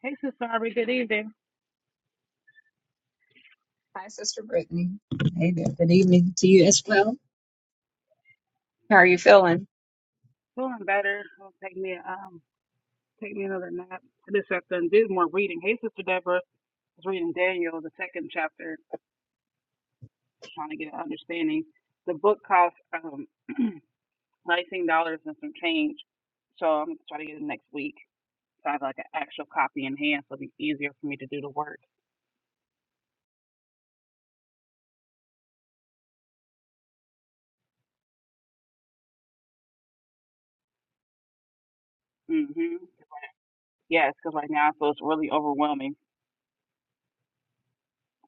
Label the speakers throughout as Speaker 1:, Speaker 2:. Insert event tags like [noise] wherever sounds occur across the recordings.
Speaker 1: Hey, Sister Sasari. Good evening.
Speaker 2: Hi, Sister Brittany. Hey there. Good evening to you as well. How are you feeling?
Speaker 1: Feeling better. It'll take me um take me another nap. I just have to do more reading. Hey, Sister Deborah. I was reading Daniel, the second chapter, just trying to get an understanding. The book costs um [clears throat] nineteen dollars and some change, so I'm gonna try to get it next week. So I have like an actual copy in hand, so it'll be easier for me to do the work. Mhm. Yes, because right now I feel it's really overwhelming.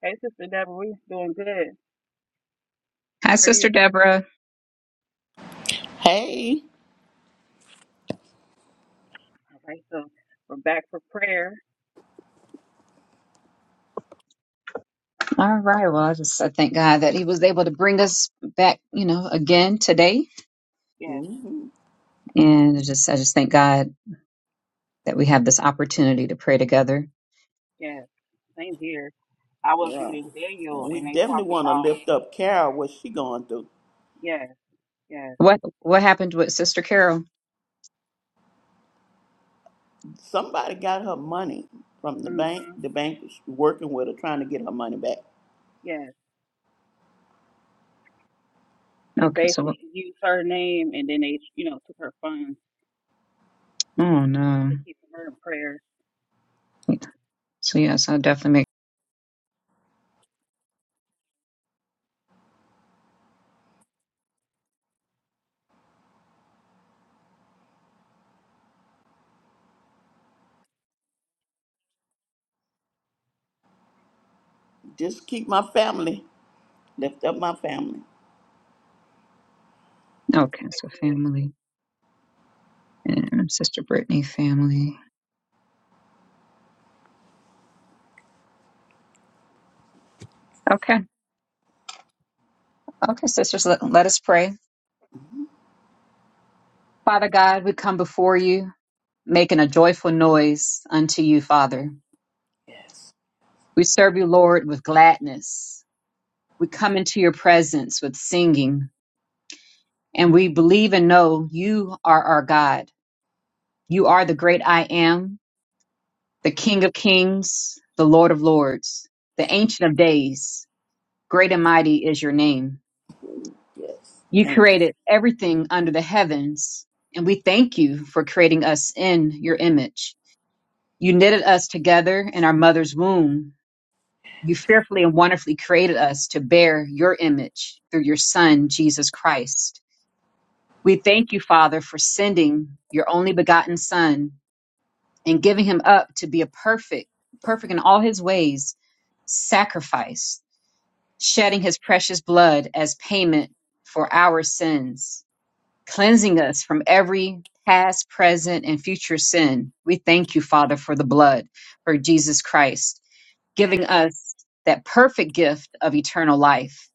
Speaker 1: Hey, Sister Deborah, we doing good.
Speaker 2: Hi,
Speaker 1: How are you?
Speaker 2: Sister Deborah.
Speaker 3: Hey.
Speaker 1: All right, so we're back for prayer.
Speaker 2: All right. Well, I just I thank God that He was able to bring us back, you know, again today,
Speaker 1: Yes.
Speaker 3: hmm
Speaker 2: and I just I just thank God that we have this opportunity to pray together.
Speaker 1: Yes, same here. I was
Speaker 3: Yeah.
Speaker 1: reading Daniel
Speaker 3: We
Speaker 1: and they
Speaker 3: definitely
Speaker 1: talked
Speaker 3: want to
Speaker 1: about,
Speaker 3: lift up Carol. What she going through?
Speaker 1: yes, yes,
Speaker 2: What What happened with Sister Carol?
Speaker 3: Somebody got her money from the
Speaker 1: hmm
Speaker 3: bank. The bank was working with her, trying to get her money back.
Speaker 1: yes. They
Speaker 2: Okay, so
Speaker 1: basically used her name and then they, you know, took her funds
Speaker 2: oh no.
Speaker 1: to keep her in prayer.
Speaker 2: So yes, I'll definitely make
Speaker 3: Just keep my family. Lift up my family.
Speaker 2: okay.
Speaker 1: Right
Speaker 2: So
Speaker 1: there.
Speaker 2: family and Sister Brittany family. Okay, okay, sisters. Let, let us pray.
Speaker 3: hmm
Speaker 2: Father God, we come before you. making a joyful noise unto you, Father.
Speaker 3: Yes.
Speaker 2: We serve you, Lord, with gladness. We come into your presence with singing, and we believe and know you are our God. You are the great I am, the King of kings, the Lord of lords, the Ancient of days. Great and mighty is your name.
Speaker 3: Yes.
Speaker 2: You
Speaker 3: Thank you.
Speaker 2: created everything under the heavens, and we thank you for creating us in your image. You knitted us together in our mother's womb You fearfully and wonderfully created us to bear your image through your Son, Jesus Christ. We thank you, Father, for sending your only begotten Son and giving him up to be a perfect, perfect in all his ways, sacrifice, shedding his precious blood as payment for our sins, cleansing us from every past, present, and future sin. We thank you, Father, for the blood, for Jesus Christ giving us that perfect gift of eternal life.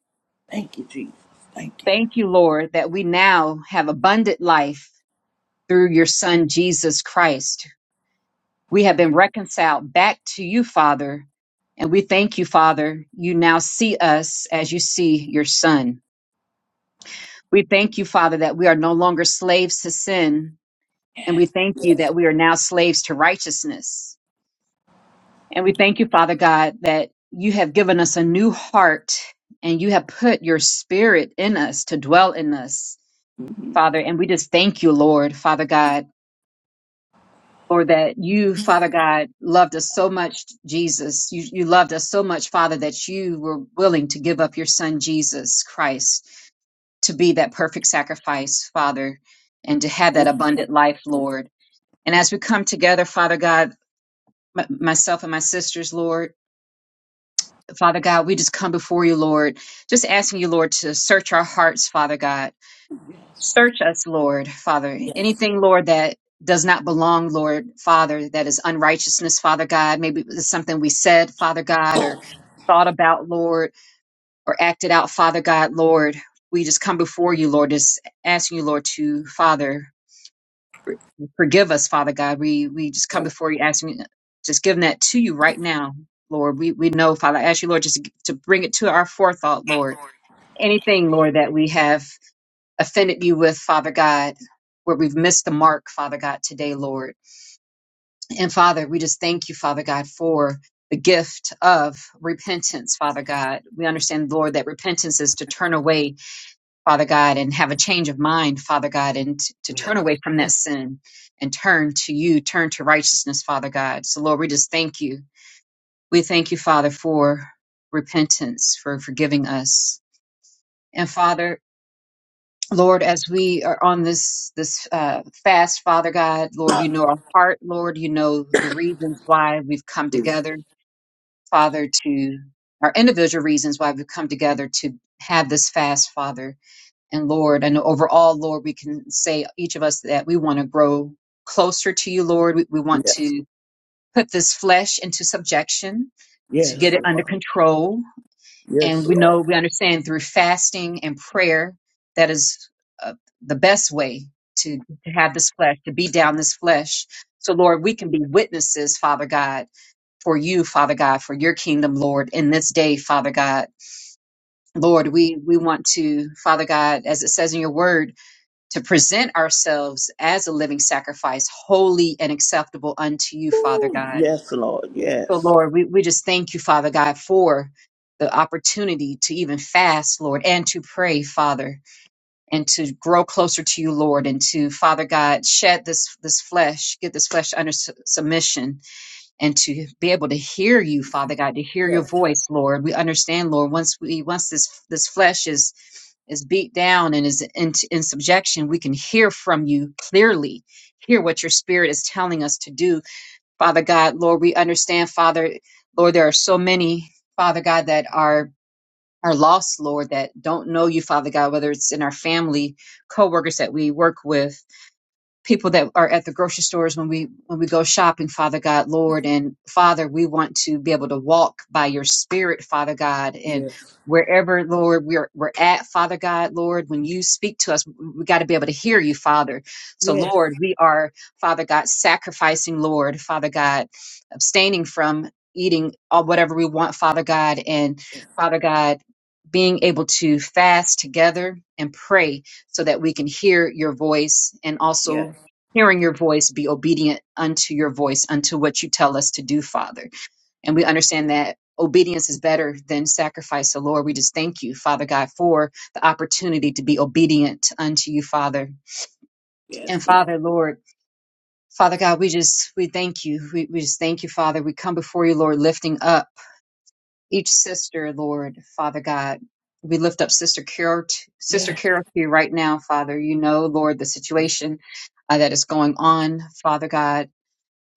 Speaker 3: Thank you, Jesus. Thank you.
Speaker 2: Thank you, Lord, that we now have abundant life through your Son, Jesus Christ. We have been reconciled back to you, Father. And we thank you, Father. You now see us as you see your Son. We thank you, Father, that we are no longer slaves to sin. And we thank you
Speaker 3: Yes.
Speaker 2: that we are now slaves to righteousness. And we thank you, Father God, that you have given us a new heart and you have put your spirit in us to dwell in us,
Speaker 3: hmm
Speaker 2: Father. And we just thank you, Lord, Father God, for that you, Father God, loved us so much, Jesus. You, you loved us so much, Father, that you were willing to give up your son, Jesus Christ, to be that perfect sacrifice, Father, and to have that
Speaker 3: Thank you.
Speaker 2: abundant life, Lord. And as we come together, Father God, m- myself and my sisters, Lord, Father God, we just come before you, Lord, just asking you, Lord, to search our hearts, Father God.
Speaker 3: Yes.
Speaker 2: Search us, Lord, Father.
Speaker 3: Yes.
Speaker 2: Anything, Lord, that does not belong, Lord, Father, that is unrighteousness, Father God. Maybe it's something we said, Father God, or thought about, Lord, or acted out, Father God, Lord. We just come before you, Lord, just asking you, Lord, to, Father, Forgive us, Father God. We we just come before you asking, just giving that to you right now, Lord. We we know, Father. I ask you, Lord, just to, to bring it to our forethought, Lord. Anything, Lord, that we have offended you with, Father God, where we've missed the mark, Father God, today, Lord. And Father, we just thank you, Father God, for the gift of repentance, Father God. We understand, Lord, that repentance is to turn away Father God, and have a change of mind, Father God, and t- to
Speaker 3: Yes.
Speaker 2: turn away from that sin and turn to you, turn to righteousness, Father God. So, Lord, we just thank you. We thank you, Father, for repentance, for forgiving us. And Father, Lord, as we are on this this uh, fast, Father God, Lord, you know our heart, Lord, you know the reasons why we've come
Speaker 3: Yes.
Speaker 2: together, Father, to our individual reasons why we've come together to have this fast, Father And Lord, and overall, Lord, we can say each of us that we want to grow closer to you, Lord. We, we want
Speaker 3: Yes.
Speaker 2: to put this flesh into subjection to
Speaker 3: Yes.
Speaker 2: get
Speaker 3: Yes,
Speaker 2: it under
Speaker 3: Lord.
Speaker 2: control.
Speaker 3: Yes,
Speaker 2: And we know,
Speaker 3: Lord.
Speaker 2: we understand through fasting and prayer that is uh, the best way to, to have this flesh, to be down this flesh. So, Lord, we can be witnesses, Father God, for you, Father God, for your kingdom, Lord, in this day, Father God. Lord, we, we want to, Father God, as it says in your word, to present ourselves as a living sacrifice, holy and acceptable unto you, Father
Speaker 3: Ooh,
Speaker 2: God.
Speaker 3: yes, Lord.
Speaker 2: So,
Speaker 3: Yes.
Speaker 2: Lord, we, we just thank you, Father God, for the opportunity to even fast, Lord, and to pray, Father, and to grow closer to you, Lord, and to, Father God, shed this, this flesh, get this flesh under su- submission, and to be able to hear you, Father God, to hear
Speaker 3: Yes.
Speaker 2: your voice, Lord. We understand, Lord, once we, once this, this flesh is is beat down and is in, in subjection, we can hear from you clearly, hear what your spirit is telling us to do. Father God, Lord, we understand, Father, Lord, there are so many, Father God, that are are lost, Lord, that don't know you, Father God, whether it's in our family, co-workers that we work with, people that are at the grocery stores when we when we go shopping father god lord and father we want to be able to walk by your spirit father god and
Speaker 3: Yes.
Speaker 2: wherever lord we're we're at father god lord when you speak to us we got to be able to hear you father so
Speaker 3: Yes.
Speaker 2: lord we are father god sacrificing lord father god abstaining from eating all whatever we want father god and father god being able to fast together and pray so that we can hear your voice and
Speaker 3: Yes.
Speaker 2: also hearing your voice, be obedient unto your voice, unto what you tell us to do, Father. And we understand that obedience is better than sacrifice. So, Lord, we just thank you, Father God, for the opportunity to be obedient unto you, Father. And
Speaker 3: Yes, Lord.
Speaker 2: Father, Lord, Father God, we just we thank you. We, we just thank you, Father. We come before you, Lord, lifting up each sister, Lord, Father God. We lift up Sister Carol, t- Sister
Speaker 3: Yes.
Speaker 2: Carol to you right now, Father. You know, Lord, the situation uh, that is going on, Father God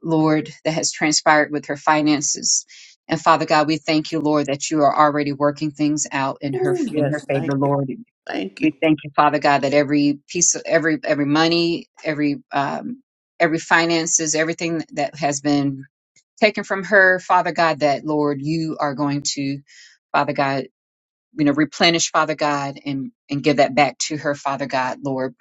Speaker 2: Lord, that has transpired with her finances. And Father God, we thank you, Lord, that you are already working things out in her
Speaker 3: Oh,
Speaker 2: in her
Speaker 3: yes. Thank
Speaker 2: favor,
Speaker 3: you.
Speaker 2: Lord.
Speaker 3: Thank you.
Speaker 2: We thank you, Father God, that every piece of every every money, every um, every finances, everything that has been taken from her, Father God, that Lord, you are going to, Father God, you know, replenish, Father God, and and give that back to her, Father God, Lord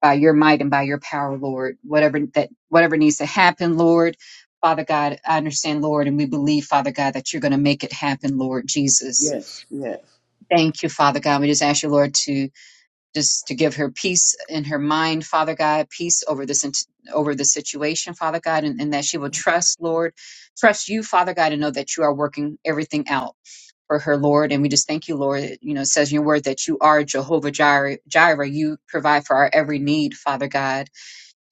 Speaker 2: by your might and by your power, Lord. Whatever that whatever needs to happen, Lord. Father God, I understand, Lord, and we believe, Father God, that you're going to make it happen, Lord Jesus.
Speaker 3: Yes, yes,
Speaker 2: Thank you, Father God. We just ask you, Lord, to just to give her peace in her mind, Father God, peace over this int- over the situation, Father God, and, and that she will trust, Lord, trust you, Father God, and know that you are working everything out for her, Lord. And we just thank you, Lord. that, You know, it says in your word that you are Jehovah Jireh, Jireh. You provide for our every need, Father God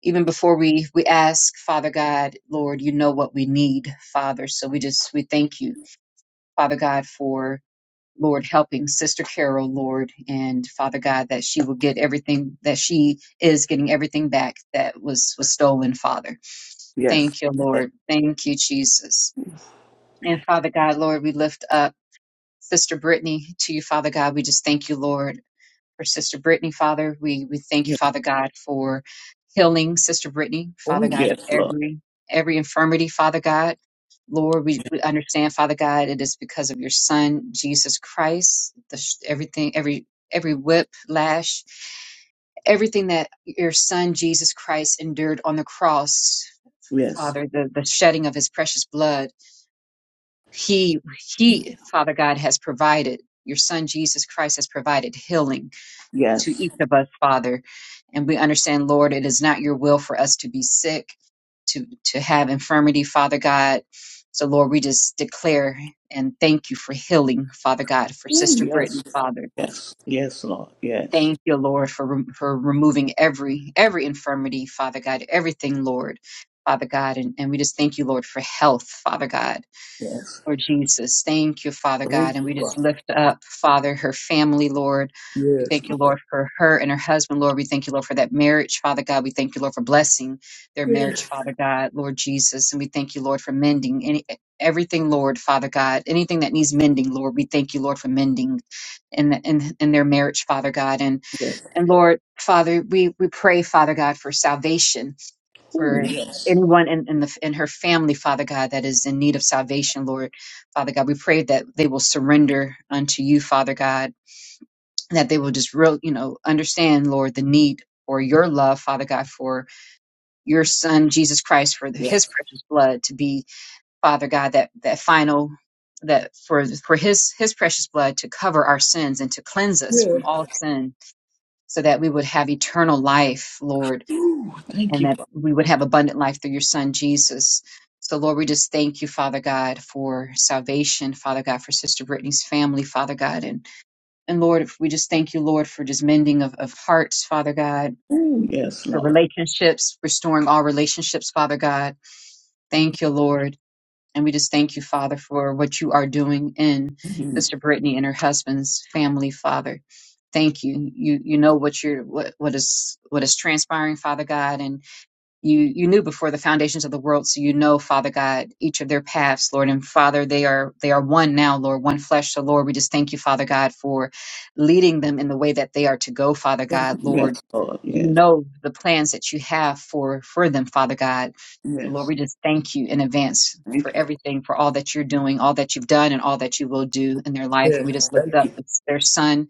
Speaker 2: even before we we ask father god lord you know what we need father so we just we thank you father god for lord helping sister carol lord and father god that she will get everything that she is getting everything back that was was stolen father
Speaker 3: yes.
Speaker 2: thank you
Speaker 3: yes.
Speaker 2: lord thank you jesus and father god lord we lift up Sister Brittany, to you, Father God, we just thank you, Lord for Sister Brittany, Father. We we thank you,
Speaker 3: Yes.
Speaker 2: Father God, for healing Sister Brittany,
Speaker 3: Oh,
Speaker 2: Father God, of
Speaker 3: yes, Lord.
Speaker 2: every every infirmity, Father God. Lord, we, we understand, Father God, it is because of your Son Jesus Christ. The sh- everything, every every whip lash, everything that your Son Jesus Christ endured on the cross,
Speaker 3: Yes,
Speaker 2: Father, the the shedding of His precious blood. He he, Father God, has provided. Your Son Jesus Christ has provided healing to
Speaker 3: yes.
Speaker 2: each of us, Father. And we understand, Lord, it is not your will for us to be sick, to, to have infirmity, Father God. So, Lord, we just declare and thank you for healing, Father God, for
Speaker 3: Oh,
Speaker 2: Sister
Speaker 3: yes,
Speaker 2: Brittany, Father.
Speaker 3: yes, yes, Lord. Yes,
Speaker 2: Thank you, Lord, for, rem- for removing every, every infirmity, Father God, everything, Lord, Father God. And, and we just thank you, Lord, for health, Father God.
Speaker 3: yes.
Speaker 2: Lord Jesus, thank you, Father God.
Speaker 3: Thank
Speaker 2: And
Speaker 3: you,
Speaker 2: we
Speaker 3: Lord.
Speaker 2: just lift up, Father, her family, Lord. We
Speaker 3: Yes,
Speaker 2: thank you,
Speaker 3: Lord.
Speaker 2: Lord, for her and her husband, Lord. We thank you, Lord, for that marriage, Father God. We thank you, Lord, for blessing their
Speaker 3: Yes,
Speaker 2: marriage, Father God, Lord Jesus. And we thank you, Lord, for mending any, everything, Lord, Father God. Anything that needs mending, Lord, we thank you, Lord, for mending in, in, in their marriage, Father God. And,
Speaker 3: yes.
Speaker 2: and Lord, Father, we, we pray, Father God, for salvation
Speaker 3: Oh,
Speaker 2: for
Speaker 3: yes,
Speaker 2: anyone in, in the in her family, Father God, that is in need of salvation, Lord, Father God. We pray that they will surrender unto you, Father God, that they will just real, you know, understand, Lord, the need for your love, Father God, for your son Jesus Christ, for the, his
Speaker 3: yes,
Speaker 2: precious blood to be, Father God, that that final that for for his his precious blood to cover our sins and to cleanse us from
Speaker 3: yes.
Speaker 2: all sin so that we would have eternal life lord
Speaker 3: Oh, thank
Speaker 2: and
Speaker 3: you,
Speaker 2: that
Speaker 3: Father.
Speaker 2: we would have abundant life through your son Jesus. So Lord, we just thank you, Father God, for salvation, Father God, for Sister Brittany's family, Father God. And and Lord, we just thank you, Lord, for just mending of, of hearts, Father God,
Speaker 3: Oh, yes,
Speaker 2: for
Speaker 3: Lord.
Speaker 2: relationships, restoring all relationships, Father God. Thank you, Lord. And we just thank you, Father, for what you are doing in
Speaker 3: Mhm.
Speaker 2: Sister Brittany and her husband's family, Father. Thank you. You you know what you're what, what is what is transpiring, Father God, and you you knew before the foundations of the world so you know father god each of their paths lord and father they are they are one now lord one flesh so lord we just thank you father god for leading them in the way that they are to go father god
Speaker 3: Yes,
Speaker 2: lord
Speaker 3: Lord.
Speaker 2: you
Speaker 3: Yes,
Speaker 2: know the plans that you have for for them father god so lord
Speaker 3: yes.
Speaker 2: we just thank you in advance for
Speaker 3: Thank you.
Speaker 2: everything for all that you're doing all that you've done and all that you will do in their life and
Speaker 3: Yes,
Speaker 2: we just lift
Speaker 3: thank
Speaker 2: up
Speaker 3: you.
Speaker 2: their son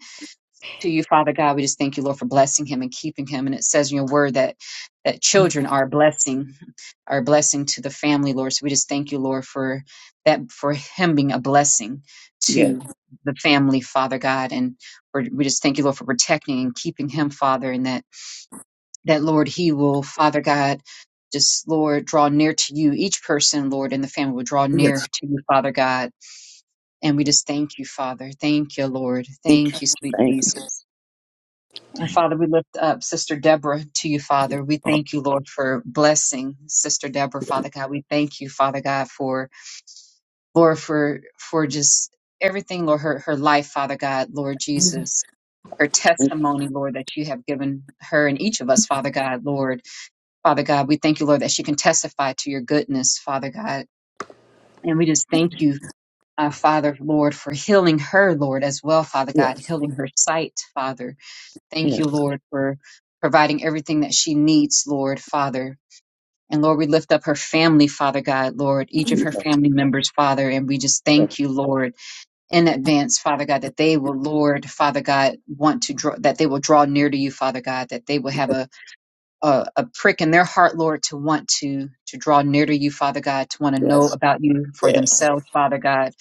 Speaker 2: to you, Father God. We just thank you, Lord, for blessing him and keeping him. And it says in your word that that children are a blessing, are a blessing to the family, Lord. So we just thank you, Lord, for that for him being a blessing
Speaker 3: Yes,
Speaker 2: to the family, Father God. And we we just thank you, Lord, for protecting and keeping him, Father, and that that Lord, he will, Father God. Just Lord, draw near to you. Each person, Lord, in the family will draw near
Speaker 3: yes.
Speaker 2: to you, Father God. And we just thank you, Father. Thank you, Lord.
Speaker 3: Thank
Speaker 2: Thank you,
Speaker 3: you.
Speaker 2: sweet
Speaker 3: Thank you.
Speaker 2: Jesus. And
Speaker 3: Thank
Speaker 2: Father, we lift up Sister Deborah to you, Father. We thank you, Lord, for blessing Sister Deborah, Father God. We thank you, Father God, for Lord, for for just everything, Lord, her, her life, Father God, Lord Jesus, her
Speaker 3: you.
Speaker 2: testimony, Lord, that you have given her and each of us, Father God, Lord. Father God, we thank you, Lord, that she can testify to your goodness, Father God. And we just thank you, uh, Father, Lord, for healing her, Lord, as well, Father God,
Speaker 3: Yes,
Speaker 2: healing her sight, Father Thank
Speaker 3: yes.
Speaker 2: you, Lord, for providing everything that she needs, Lord, Father. And Lord, we lift up her family, Father God, Lord,
Speaker 3: Yes,
Speaker 2: each of her
Speaker 3: yes,
Speaker 2: family members, Father, and we just thank you, Lord, in advance, Father God, that they will, Lord, Father God, want to draw, that they will draw near to you, Father God, that they will have a, a, a prick in their heart, Lord, to want to, to draw near to you, Father God, to want to know
Speaker 3: yes,
Speaker 2: about you for
Speaker 3: yes,
Speaker 2: themselves, Father God,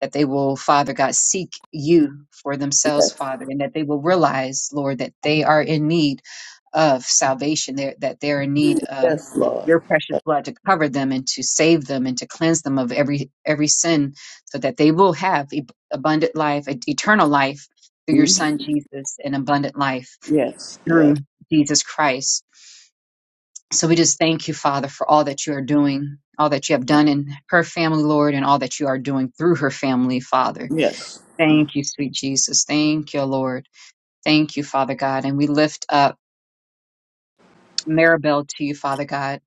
Speaker 2: that they will, Father God, seek you for themselves,
Speaker 3: yes,
Speaker 2: Father, and that they will realize, Lord, that they are in need of salvation, they're, that they're in need of
Speaker 3: yes, Lord.
Speaker 2: your precious blood to cover them and to save them and to cleanse them of every every sin so that they will have ab- abundant life e- eternal life through your
Speaker 3: Mhm.
Speaker 2: son jesus and abundant life
Speaker 3: Yes, yes,
Speaker 2: through jesus christ so we just thank you father for all that you are doing all that you have done in her family lord and all that you are doing through her family father
Speaker 3: yes, yes,
Speaker 2: thank you sweet jesus thank you lord thank you father god and we lift up maribel to you father god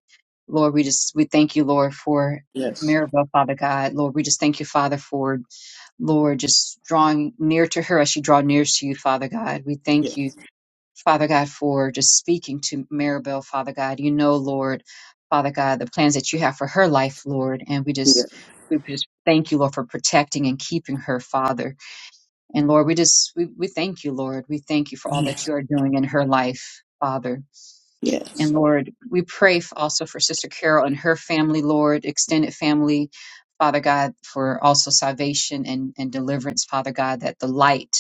Speaker 2: Lord, we just we thank you, Lord, for
Speaker 3: yes,
Speaker 2: Maribel, Father God. Lord, we just thank you, Father, for Lord, just drawing near to her as she draw near to you, Father God. We
Speaker 3: yes,
Speaker 2: thank you, Father God, for just speaking to Maribel, Father God. You know, Lord, Father God, the plans that you have for her life, Lord, and we just we just thank you, Lord, for protecting and keeping her, Father. And Lord, we just we, we thank you, Lord. We thank you for all that
Speaker 3: yes,
Speaker 2: you are doing in her life, Father.
Speaker 3: yes,
Speaker 2: And
Speaker 3: yes,
Speaker 2: Lord, we pray f- also for Sister Carol and her family, Lord, extended family, Father God, for also salvation and, and deliverance, Father God, that the light,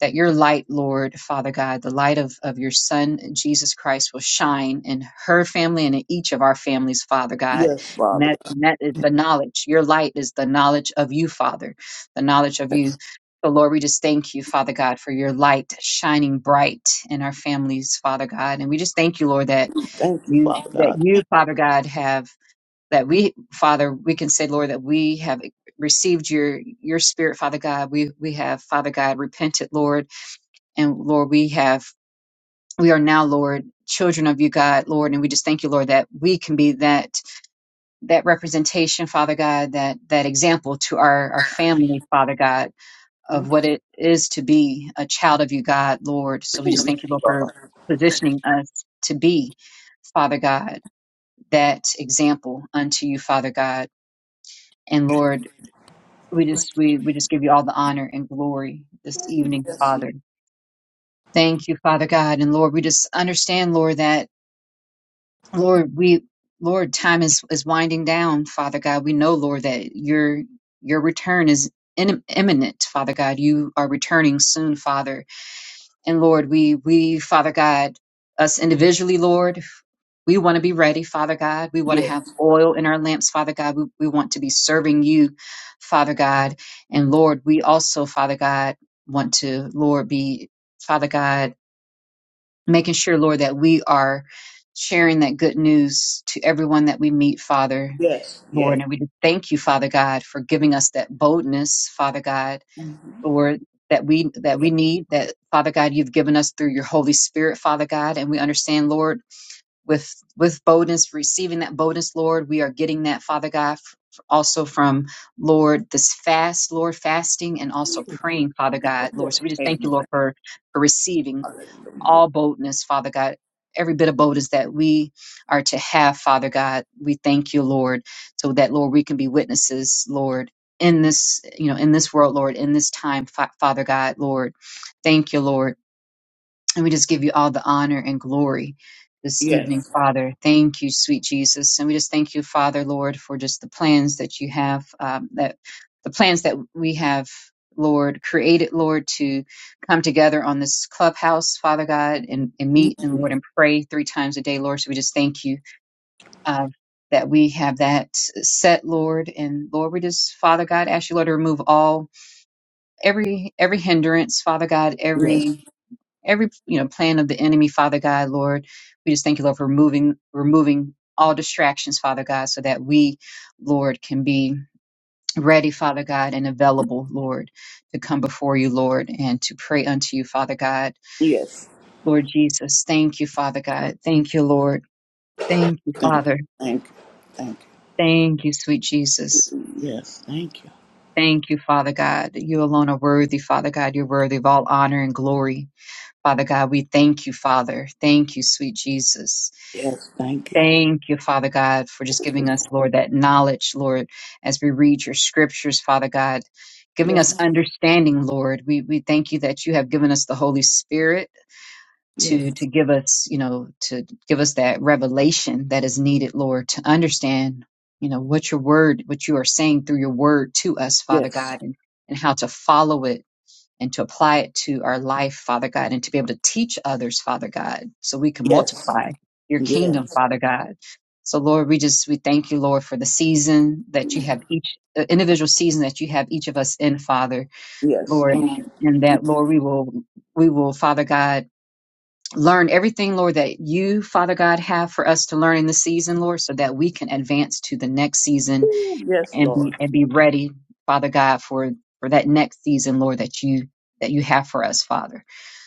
Speaker 2: that your light, Lord, Father God, the light of, of your Son, Jesus Christ, will shine in her family and in each of our families, Father God.
Speaker 3: yes,
Speaker 2: And
Speaker 3: Father
Speaker 2: that,
Speaker 3: God.
Speaker 2: and that is the knowledge. Your light is the knowledge of you, Father, the knowledge of you.
Speaker 3: Yes.
Speaker 2: So, Lord, we just thank you, Father God, for your light shining bright in our families, Father God. And we just thank you, Lord, that
Speaker 3: Thank you,
Speaker 2: you
Speaker 3: Father
Speaker 2: that
Speaker 3: God.
Speaker 2: you father god have that we father we can say lord that we have received your your spirit father god we we have father god repented lord and lord we have we are now lord children of you god lord and we just thank you lord that we can be that that representation father god that that example to our our family father god of
Speaker 3: Mhm.
Speaker 2: what it is to be a child of you god lord so we just thank you lord for positioning us to be father god that example unto you, Father God. And Lord, we just we, we just give you all the honor and glory this evening,
Speaker 3: Yes, Lord. Yes,
Speaker 2: Father. Thank you, Father God. And Lord, we just understand, Lord, that Lord, we Lord, time is, is winding down, Father God. We know, Lord, that your your return is in, imminent, Father God. You are returning soon, Father. And Lord, we, we, Father God, us individually, Lord, we want to be ready, Father God. We
Speaker 3: yes,
Speaker 2: want to
Speaker 3: yes,
Speaker 2: have oil in our lamps, Father God. We, we want to be serving you, Father God. And Lord, we also, Father God, want to, Lord, be, Father God, making sure, Lord, that we are sharing that good news to everyone that we meet, Father.
Speaker 3: yes,
Speaker 2: Lord, and we just thank you, Father God, for giving us that boldness, Father God, Lord, that we that
Speaker 3: yes.
Speaker 2: we need, that Father God, you've given us through your Holy Spirit, Father God, and we understand, Lord, with with boldness, receiving that boldness, Lord, we are getting that, Father God, f- also from Lord this fast, Lord, fasting and also praying, Father God,
Speaker 3: yes.
Speaker 2: Lord. So we just thank you,
Speaker 3: Amen.
Speaker 2: Lord, for for receiving
Speaker 3: Hallelujah.
Speaker 2: all boldness, Father God. Every bit of boldness that we are to have, Father God, we thank you, Lord, so that, Lord, we can be witnesses, Lord, in this, you know, in this world, Lord, in this time, Fa- Father God, Lord. Thank you, Lord. And we just give you all the honor and glory this evening,
Speaker 3: Yes,
Speaker 2: Father. Thank you, sweet Jesus. And we just thank you, Father, Lord, for just the plans that you have, um, that the plans that we have, Lord, created, Lord, to come together on this clubhouse, Father God, and, and meet and
Speaker 3: Mhm.
Speaker 2: Lord and pray three times a day, Lord. So we just thank you. Uh, that we have that set, Lord, and Lord, we just, Father God, ask you, Lord, to remove all every every hindrance, Father God,
Speaker 3: yes,
Speaker 2: every every you know plan of the enemy father god lord we just thank you lord for removing removing all distractions father god so that we lord can be ready father god and available lord to come before you lord and to pray unto you father god
Speaker 3: yes.
Speaker 2: lord jesus thank you father god thank you lord thank you
Speaker 3: Thank you,
Speaker 2: father
Speaker 3: thank you, thank you.
Speaker 2: thank you sweet jesus
Speaker 3: Yes, thank you.
Speaker 2: Thank you, Father God. You alone are worthy, Father God. You're worthy of all honor and glory. Father God, we thank you, Father. Thank you, sweet Jesus.
Speaker 3: Yes, thank you.
Speaker 2: Thank you, Father God, for just giving us, Lord, that knowledge, Lord, as we read your scriptures, Father God, giving us
Speaker 3: Yes,
Speaker 2: understanding, Lord. We we thank you that you have given us the Holy Spirit to
Speaker 3: yes,
Speaker 2: to give us, you know, to give us that revelation that is needed, Lord, to understand, you know, what your word, what you are saying through your word to us, Father
Speaker 3: yes,
Speaker 2: God, and, and how to follow it and to apply it to our life, Father God, and to be able to teach others, Father God, so we can
Speaker 3: yes,
Speaker 2: multiply your
Speaker 3: yes.
Speaker 2: kingdom, Father God. So Lord, we just, we thank you, Lord, for the season that you have each, the individual season that you have each of us in, Father,
Speaker 3: Yes.
Speaker 2: Lord,
Speaker 3: Amen.
Speaker 2: and that, Lord, we will, we will, Father God, learn everything, Lord, that you, Father God, have for us to learn in the season, Lord, so that we can advance to the next season
Speaker 3: Yes,
Speaker 2: and
Speaker 3: Lord.
Speaker 2: be and be ready, Father God, for for that next season, Lord, that you that you have for us, Father.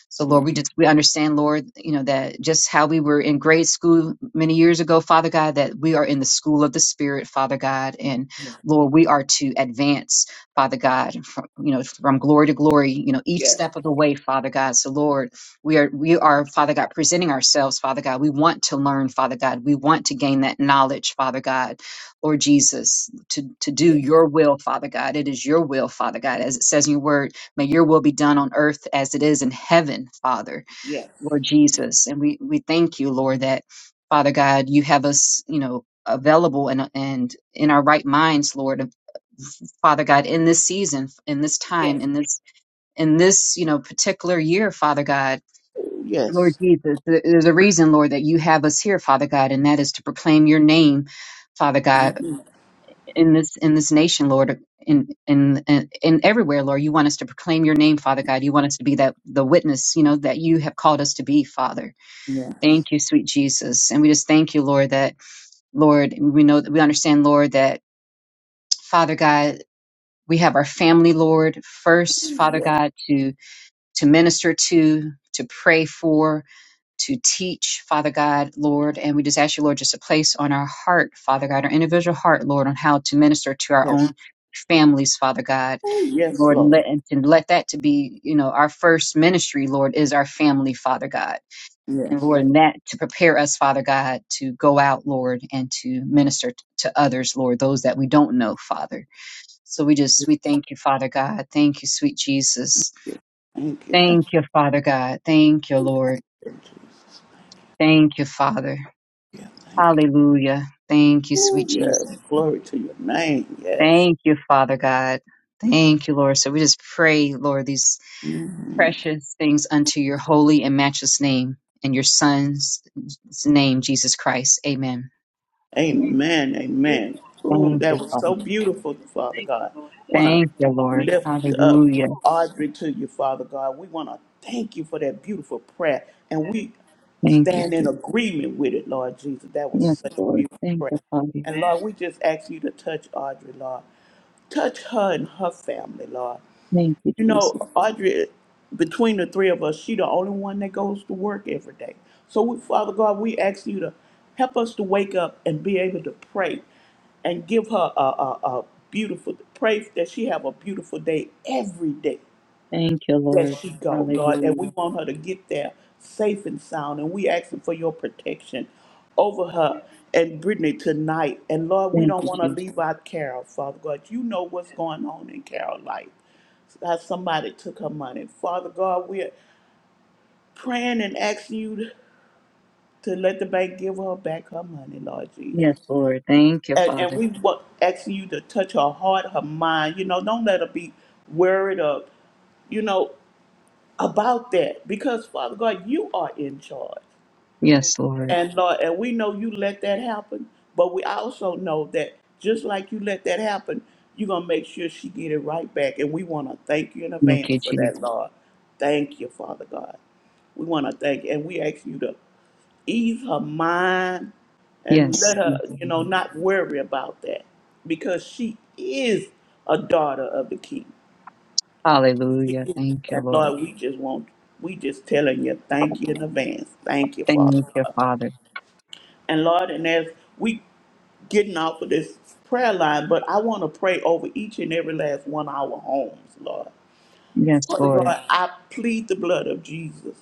Speaker 2: So
Speaker 3: Yes.
Speaker 2: Lord, we just we understand, Lord, you know, that just how we were in grade school many years ago, Father God, that we are in the school of the Spirit, Father God, and
Speaker 3: Yes.
Speaker 2: Lord, we are to advance, Father God, from you know, from glory to glory, you know, each
Speaker 3: Yes.
Speaker 2: step of the way, Father God. So Lord, we are we are, Father God, presenting ourselves, Father God. We want to learn, Father God. We want to gain that knowledge, Father God, Lord Jesus, to, to do your will, Father God. It is your will, Father God, as it says in your word May your will be done on earth as it is in heaven, Father,
Speaker 3: Yes.
Speaker 2: Lord Jesus. And we, we thank you, Lord, that Father God, you have us, you know, available and, and in our right minds, Lord, Father God, in this season, in this time,
Speaker 3: Yes.
Speaker 2: in this, in this, you know, particular year, Father God, Lord
Speaker 3: Yes.
Speaker 2: Jesus, there- there's a reason, Lord, that you have us here, Father God, and that is to proclaim your name, Father God
Speaker 3: Mhm.
Speaker 2: in this in this nation, Lord, in in in in everywhere, Lord. You want us to proclaim your name, Father God. You want us to be that the witness, you know, that you have called us to be, Father.
Speaker 3: Yes.
Speaker 2: Thank you, sweet Jesus, and we just thank you, Lord, that Lord, we know we understand, Lord, that Father God, we have our family, Lord, first, Father
Speaker 3: Yes.
Speaker 2: God, to to minister to, to pray for to teach, Father God, Lord. And we just ask you, Lord, just to place on our heart, Father God, our individual heart, Lord, on how to minister to our
Speaker 3: Yes.
Speaker 2: own families, Father God.
Speaker 3: Oh, Yes,
Speaker 2: Lord, and
Speaker 3: Lord.
Speaker 2: let, and let that to be, you know, our first ministry, Lord, is our family, Father God. And
Speaker 3: Yes.
Speaker 2: Lord, and that to prepare us, Father God, to go out, Lord, and to minister t- to others, Lord, those that we don't know, Father. So we just, we thank you, Father God. Thank you, sweet Jesus.
Speaker 3: Thank you. Thank
Speaker 2: Thank you, Father God. Thank you, Lord.
Speaker 3: you, Jesus.
Speaker 2: Thank you, Father.
Speaker 3: Yeah. Thank
Speaker 2: Hallelujah. Thank you,
Speaker 3: you.
Speaker 2: sweet
Speaker 3: Yes.
Speaker 2: Jesus.
Speaker 3: Glory to your name. Yes.
Speaker 2: Thank you, Father God. Thank you, Lord. So we just pray, Lord, these precious things unto your holy and matchless name and your Son's name, Jesus Christ. Amen.
Speaker 3: Amen.
Speaker 1: Beautiful.
Speaker 3: Amen. Ooh,
Speaker 2: Thank
Speaker 3: that
Speaker 2: you,
Speaker 3: was
Speaker 2: Father.
Speaker 3: so beautiful, Father
Speaker 1: Thank you,
Speaker 3: God.
Speaker 1: Lord.
Speaker 3: Want to
Speaker 2: Thank you, Lord.
Speaker 3: lift up
Speaker 2: Hallelujah.
Speaker 3: Audrey to you, Father God. We want to thank you for that beautiful prayer, and we
Speaker 2: Thank you,
Speaker 3: stand in
Speaker 2: sweet.
Speaker 3: agreement with it, Lord Jesus. That was
Speaker 2: Yes,
Speaker 3: such a
Speaker 2: Lord.
Speaker 3: beautiful
Speaker 2: Thank
Speaker 3: prayer.
Speaker 2: you, Father.
Speaker 3: And
Speaker 1: Amen.
Speaker 3: Lord, we just ask you to touch Audrey, Lord. Touch her and her family, Lord.
Speaker 2: Thank you,
Speaker 3: You
Speaker 2: Jesus.
Speaker 3: know, Audrey, between the three of us, she the only one that goes to work every day. So, we, Father God, we ask you to help us to wake up and be able to pray and give her a, a, a beautiful, pray that she have a beautiful day every day
Speaker 2: Thank you,
Speaker 3: that
Speaker 2: Lord.
Speaker 3: she go, Lord. And
Speaker 2: Hallelujah.
Speaker 3: we want her to get there safe and sound. And we asking for your protection over her and Brittany tonight. And Lord, we
Speaker 2: Thank
Speaker 3: don't
Speaker 2: you,
Speaker 3: want to
Speaker 2: Jesus.
Speaker 3: leave out Carol, Father God. You know what's going on in Carol's life how somebody took her money. Father God, we're praying and asking you to let the bank give her back her money, Lord Jesus.
Speaker 2: Yes, Lord. Thank you,
Speaker 3: And, and
Speaker 2: Father.
Speaker 3: we wa- asking you to touch her heart, her mind. You know, don't let her be worried of, you know, about that. Because, Father God, you are in charge.
Speaker 2: Yes, Lord.
Speaker 3: And Lord, and we know you let that happen, but we also know that just like you let that happen, you're gonna make sure she get it right back. And we wanna thank you in
Speaker 2: Thank
Speaker 3: advance
Speaker 2: you,
Speaker 3: for
Speaker 2: Jesus.
Speaker 3: that, Lord. Thank you, Father God. We want to thank, and we ask you to ease her mind and
Speaker 2: Yes.
Speaker 3: let her,
Speaker 2: Thank you,
Speaker 3: you know,
Speaker 2: Lord.
Speaker 3: not worry about that because she is a daughter of the King. She
Speaker 2: Hallelujah.
Speaker 3: is.
Speaker 2: Thank you,
Speaker 3: And
Speaker 2: Lord.
Speaker 3: Lord, we just want, we just telling you, thank you in advance. Thank you,
Speaker 2: Thank
Speaker 3: Father
Speaker 2: you,
Speaker 3: God.
Speaker 2: Father.
Speaker 3: And Lord, and as we getting off of this prayer line, but I want to pray over each and every last one of our homes, Lord.
Speaker 2: Yes,
Speaker 3: Father
Speaker 2: Lord.
Speaker 3: God, I plead the blood of Jesus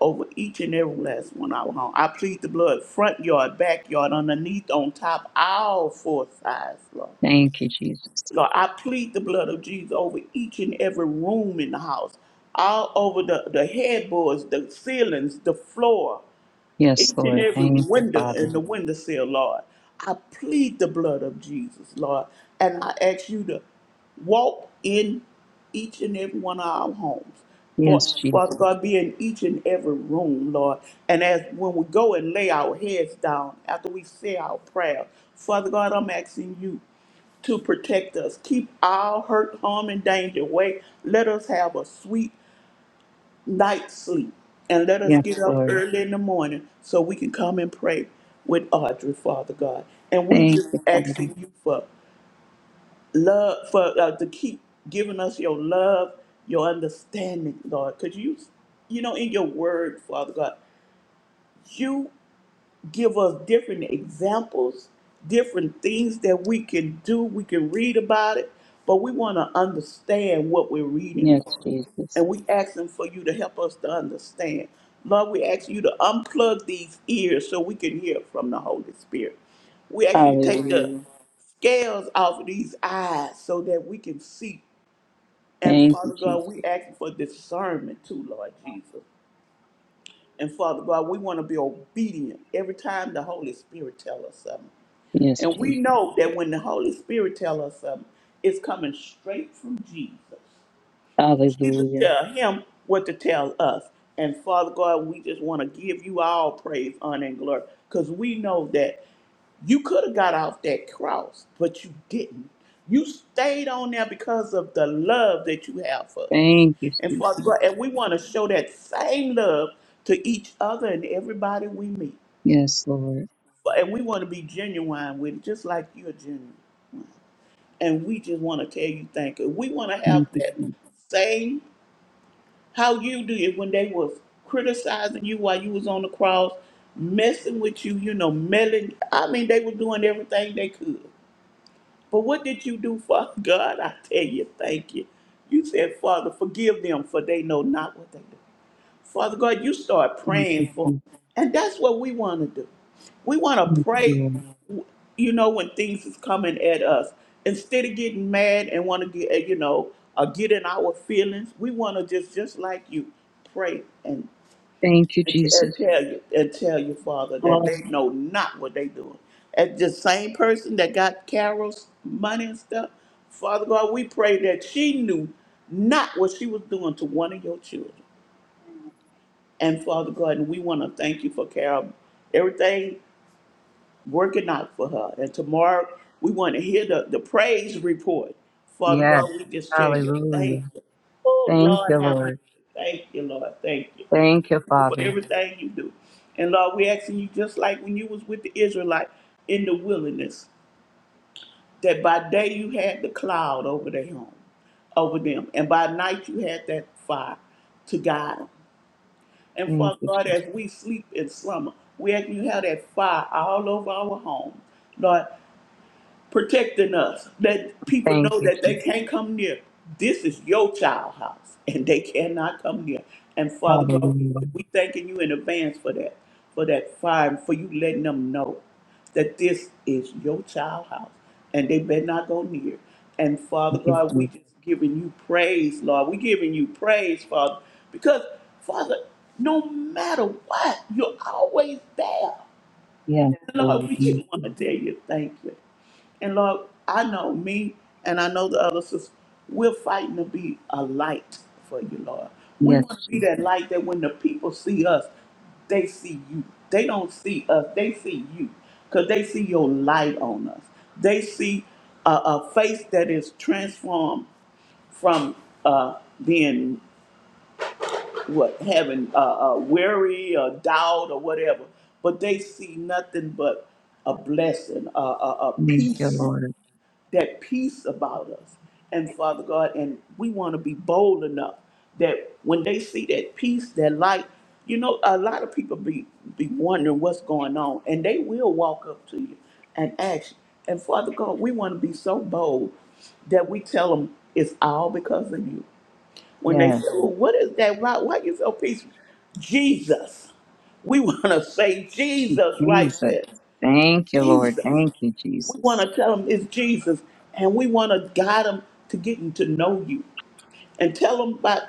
Speaker 3: over each and every last one of our home. I plead the blood front yard, backyard, underneath, on top, all four sides, Lord.
Speaker 2: Thank you, Jesus.
Speaker 3: Lord, I plead the blood of Jesus over each and every room in the house, all over the, the headboards, the ceilings, the floor,
Speaker 2: Yes,
Speaker 3: each and
Speaker 2: Lord.
Speaker 3: every
Speaker 2: Thank you,
Speaker 3: window
Speaker 2: Father.
Speaker 3: in the windowsill, Lord. I plead the blood of Jesus, Lord, and I ask you to walk in each and every one of our homes.
Speaker 2: Yes,
Speaker 3: But
Speaker 2: Jesus.
Speaker 3: Father God, be in each and every room, Lord. And as when we go and lay our heads down after we say our prayer, Father God, I'm asking you to protect us. Keep all hurt, harm, and danger away. Let us have a sweet night sleep and let us
Speaker 2: Yes,
Speaker 3: get up
Speaker 2: Lord.
Speaker 3: early in the morning so we can come and pray with Audrey, Father God. And we
Speaker 2: Thank
Speaker 3: just
Speaker 2: you, Father.
Speaker 3: asking you for love, for uh, to keep giving us your love, your understanding, Lord. Because you, you know, in your word, Father God, you give us different examples, different things that we can do. We can read about it, but we want to understand what we're reading,
Speaker 2: Yes,
Speaker 3: Lord.
Speaker 2: Jesus.
Speaker 3: And we asking for you to help us to understand. Lord, we ask you to unplug these ears so we can hear from the Holy Spirit. We ask you to take the
Speaker 2: Hallelujah.
Speaker 3: scales off of these eyes so that we can see. And
Speaker 2: Thank you,
Speaker 3: Father God, we
Speaker 2: Jesus.
Speaker 3: ask for discernment too, Lord Jesus. And Father God, we want to be obedient every time the Holy Spirit tells us something.
Speaker 2: Yes,
Speaker 3: And we
Speaker 2: Jesus.
Speaker 3: know that when the Holy Spirit tells us something, it's coming straight from Jesus. Jesus
Speaker 2: Hallelujah.
Speaker 3: tell him what to tell us. And Father God, we just want to give you all praise, honor, and glory because we know that you could have got off that cross, but you didn't. You stayed on there because of the love that you have for us.
Speaker 2: Thank you,
Speaker 3: And
Speaker 2: sweet
Speaker 3: for
Speaker 2: Jesus.
Speaker 3: and we want to show that same love to each other and everybody we meet.
Speaker 2: Yes, Lord.
Speaker 3: But- And we want to be genuine with it, just like you're genuine. And we just want to tell you thank you. We want to have
Speaker 2: Thank you,
Speaker 3: that
Speaker 2: Jesus.
Speaker 3: same how you do it when they was criticizing you while you was on the cross, messing with you, you know, meddling. I mean, they were doing everything they could. But what did you do, Father God? I tell you, thank you. You said, Father, forgive them, for they know not what they do. Father God, you start
Speaker 2: Thank you,
Speaker 3: praying for
Speaker 2: Jesus.
Speaker 3: them. And that's what we want to do. We want to
Speaker 2: Yes,
Speaker 3: pray,
Speaker 2: Lord.
Speaker 3: you know, when things is coming at us. Instead of getting mad and want to get, you know, or get in our feelings, we want to just, just like you, pray and
Speaker 2: Thank you,
Speaker 3: and, t- and
Speaker 2: Jesus.
Speaker 3: tell you and tell you, Father, that
Speaker 2: Oh,
Speaker 3: they know not what they doing. And the same person that got Carol's money and stuff, Father God, we pray that she knew not what she was doing to one of your children. And Father God, and we want to thank you for Carol, everything working out for her. And tomorrow we want to hear the, the praise report. Father
Speaker 2: yes.
Speaker 3: God, we just tell you
Speaker 2: Hallelujah.
Speaker 3: thank you. Oh
Speaker 2: Thank you,
Speaker 3: Lord, have mercy.
Speaker 2: Lord.
Speaker 3: Thank you, Lord. Thank you
Speaker 2: Thank you,
Speaker 3: for
Speaker 2: Father.
Speaker 3: everything you do. And Lord, we asking you just like when you was with the Israelite in the wilderness, that by day you had the cloud over their home, over them, and by night you had that fire to guide them. And
Speaker 2: Thank
Speaker 3: Father
Speaker 2: you,
Speaker 3: God,
Speaker 2: Jesus.
Speaker 3: as we sleep in slumber, we ask you have that fire all over our home, Lord, protecting us, that people
Speaker 2: Thank
Speaker 3: know
Speaker 2: you,
Speaker 3: that they
Speaker 2: Jesus.
Speaker 3: can't come near. This is your child house, and they cannot come near. And Father God,
Speaker 2: Hallelujah.
Speaker 3: we thanking you in advance for that, for that fire, and for you letting them know that this is your child house, and they better not go near. And Father
Speaker 2: Thank you,
Speaker 3: God, we
Speaker 2: Jesus.
Speaker 3: just giving you praise, Lord. We giving you praise, Father, because Father, no matter what, you're always there.
Speaker 2: Yes,
Speaker 3: Lord,
Speaker 2: Lord.
Speaker 3: we just
Speaker 2: Thank
Speaker 3: want
Speaker 2: you.
Speaker 3: to tell you thank you. And Lord, I know me and I know the other sisters, we're fighting to be a light for you, Lord. We
Speaker 2: Yes,
Speaker 3: want to be
Speaker 2: Jesus.
Speaker 3: that light that when the people see us, they see you. They don't see us, they see you because they see your light on us. They see a, a face that is transformed from uh, being what having uh, uh, weary or doubt or whatever, but they see nothing but a blessing, a, a, a
Speaker 2: Thank you,
Speaker 3: peace
Speaker 2: Lord.
Speaker 3: that peace about us. And Father God, and we want to be bold enough that when they see that peace, that light, you know, a lot of people be be wondering what's going on, and they will walk up to you and ask. you. And Father God, we want to be so bold that we tell them it's all because of you. When they say,
Speaker 2: Yes,
Speaker 3: well, "What is that? Why, why you so peaceful?" Jesus. We [laughs] want to say Jesus right
Speaker 2: Jesus.
Speaker 3: there.
Speaker 2: Thank you, Lord.
Speaker 3: Jesus.
Speaker 2: Thank you,
Speaker 3: We want
Speaker 2: Jesus.
Speaker 3: to tell them it's Jesus, and we want to guide them to getting to know you and tell them about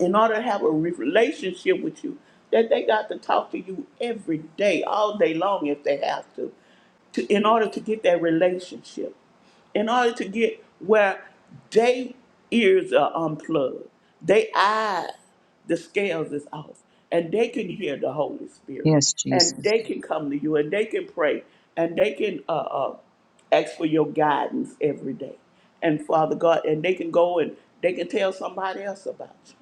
Speaker 3: in order to have a re- relationship with you that they got to talk to you every day, all day long if they have to, to in
Speaker 1: Mm,
Speaker 3: order to get that relationship in order to get where they ears are unplugged, they eyes, the scales is off, and they can hear the Holy Spirit,
Speaker 2: Yes,
Speaker 3: and
Speaker 2: Jesus.
Speaker 3: they can come to you, and they can pray, and they can uh, uh, ask for your guidance every day, and Father God, and they can go and they can tell somebody else about you,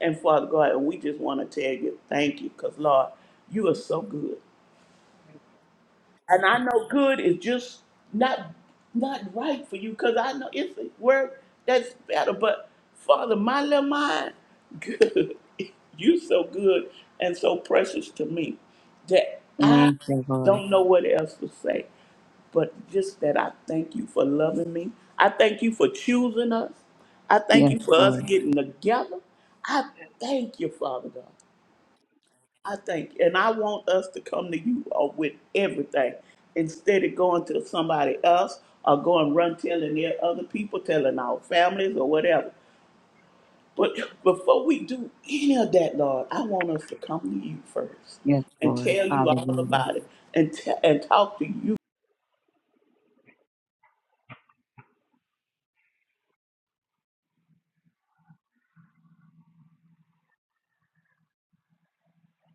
Speaker 3: and Father God, and we just want to tell you thank you, cause Lord, you are so good and I know good is just not not right for you because I know it's a work that's better. But Father, my little mind, good, [laughs] you so good and so precious to me that I
Speaker 2: Thank you, Lord.
Speaker 3: don't know what else to say, but just that I thank you for loving me. I thank you for choosing us. I thank
Speaker 2: Yes,
Speaker 3: you for us
Speaker 2: Lord.
Speaker 3: getting together. I thank you, Father God. I think, and I want us to come to you uh, with everything instead of going to somebody else or going run telling their other people, telling our families or whatever. But before we do any of that, Lord, I want us to come to you first
Speaker 2: Yes,
Speaker 3: and
Speaker 2: Lord.
Speaker 3: tell you all
Speaker 2: Hallelujah.
Speaker 3: about it and t- and talk to you,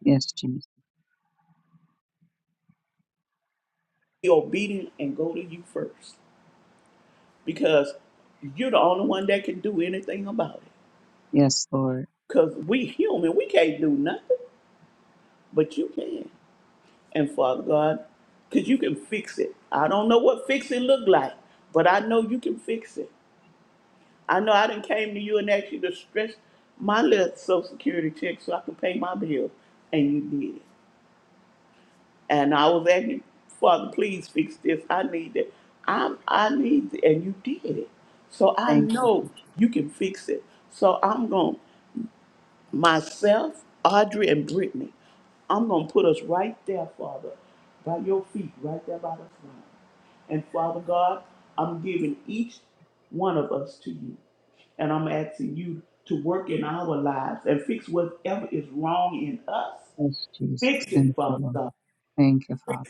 Speaker 2: Yes, Jesus.
Speaker 3: be obedient and go to you first because you're the only one that can do anything about it.
Speaker 2: Yes, Lord.
Speaker 3: Because we human, we can't do nothing, but you can. And Father God, because you can fix it. I don't know what fix it look like, but I know you can fix it. I know I didn't came to you and asked you to stretch my little social security check so I could pay my bill, and you did. it. And I was asking, Father, please fix this. I need it. I'm, I need it, and you did it. So I
Speaker 2: Thank you,
Speaker 3: know
Speaker 2: Jesus.
Speaker 3: you can fix it. So I'm going. to myself, Audrey, and Brittany. I'm going to put us right there, Father, by your feet, right there by the throne. And Father God, I'm giving each one of us to you. And I'm asking you to work in our lives and fix whatever is wrong in us.
Speaker 2: Yes, Jesus.
Speaker 3: Fix it,
Speaker 2: Thank you,
Speaker 3: Father
Speaker 2: Lord.
Speaker 3: God.
Speaker 2: Thank you, Father.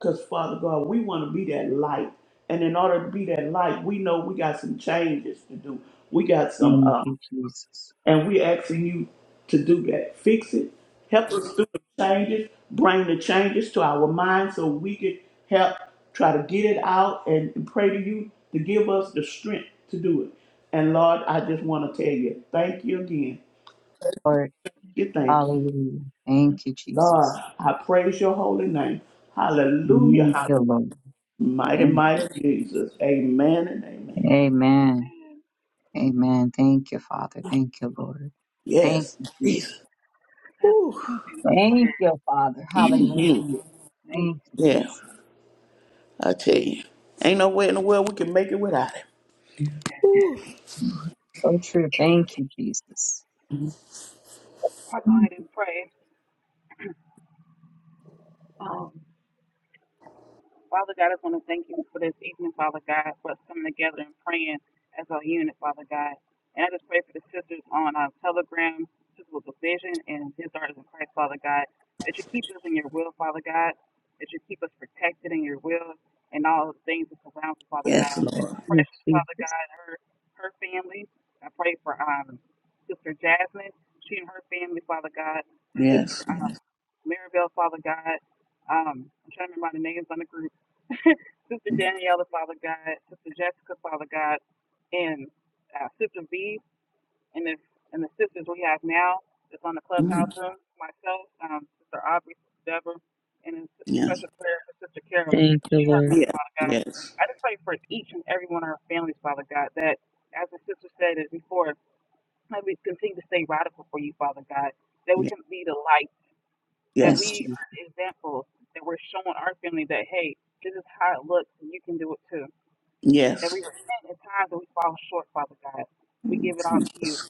Speaker 3: Because, Father God, we want to be that light. And in order to be that light, we know we got some changes to do. We got some.
Speaker 2: Thank
Speaker 3: uh,
Speaker 2: you, Jesus.
Speaker 3: and we're asking you to do that. Fix it. Help us through the changes. Bring the changes to our minds so we can help try to get it out and pray to you to give us the strength to do it. And Lord, I just want to tell you, thank you again.
Speaker 2: Lord.
Speaker 3: You thank you.
Speaker 2: Hallelujah. Thank you,
Speaker 3: Lord,
Speaker 2: Jesus.
Speaker 3: I praise your holy name. Hallelujah.
Speaker 2: Thank
Speaker 3: Hallelujah.
Speaker 2: you, Lord.
Speaker 3: Mighty,
Speaker 2: Thank you,
Speaker 3: mighty
Speaker 2: Jesus.
Speaker 3: Jesus. Amen and amen.
Speaker 2: Amen. Amen. Thank you, Father. Thank you, Lord. Thank
Speaker 3: Yes.
Speaker 2: you. Jesus.
Speaker 3: Jesus.
Speaker 1: That's
Speaker 3: Whew.
Speaker 1: two beautiful
Speaker 2: Thank
Speaker 1: prayers.
Speaker 2: you, Father.
Speaker 3: Mhm.
Speaker 2: Hallelujah.
Speaker 1: Thank you.
Speaker 2: Thank you, Jesus.
Speaker 3: I tell you, ain't no way in the world we can make it without him. Woo.
Speaker 2: Mhm. So true. Thank you, Jesus.
Speaker 1: I'll go
Speaker 2: Thank
Speaker 1: ahead and pray. Um, Father God, I just want to thank you for this evening, Father God, for us coming together and praying as a unit, Father God. And I just pray for the sisters on our telegram, Sisters with a Vision and His Arts in Christ, Father God, that you keep us in your will, Father God, that you keep us protected in your will and all the things that surround us, Father
Speaker 3: Yes,
Speaker 1: God. I pray
Speaker 3: Lord.
Speaker 1: for
Speaker 2: you,
Speaker 1: Precious, Father
Speaker 2: Jesus.
Speaker 1: God, her, her family. I pray for um, Sister Jasmine, she and her family, Father God.
Speaker 3: Yes.
Speaker 1: sister. um, Maribel, Father God. Um, I'm trying to remember the names on the group. [laughs] Sister
Speaker 3: Mhm.
Speaker 1: Daniela, Father God. Sister Jessica, Father God. And uh, Sister V. And, if, and the sisters we have now that's on the clubhouse room. Myself, um, Sister Aubrey, Sister Deborah. And a
Speaker 3: Yes.
Speaker 1: special prayer for Sister Carol.
Speaker 2: Thank you,
Speaker 1: She and her
Speaker 2: Lord.
Speaker 1: family,
Speaker 3: Yes.
Speaker 1: Father God.
Speaker 3: Yes.
Speaker 1: I just pray for each and every one of our families, Father God, that, as the sister said it before, that we continue to stay radical for you, Father God, that we can be the light that
Speaker 2: Yes,
Speaker 3: Yes.
Speaker 1: we
Speaker 2: Jesus.
Speaker 1: are examples, that we're showing our family that, hey, this is how it looks and you can do it too.
Speaker 3: Yes.
Speaker 1: That we
Speaker 3: Yes.
Speaker 1: repent at times that we fall short, Father God. We
Speaker 3: Mm,
Speaker 1: give it all to you.
Speaker 3: Jesus.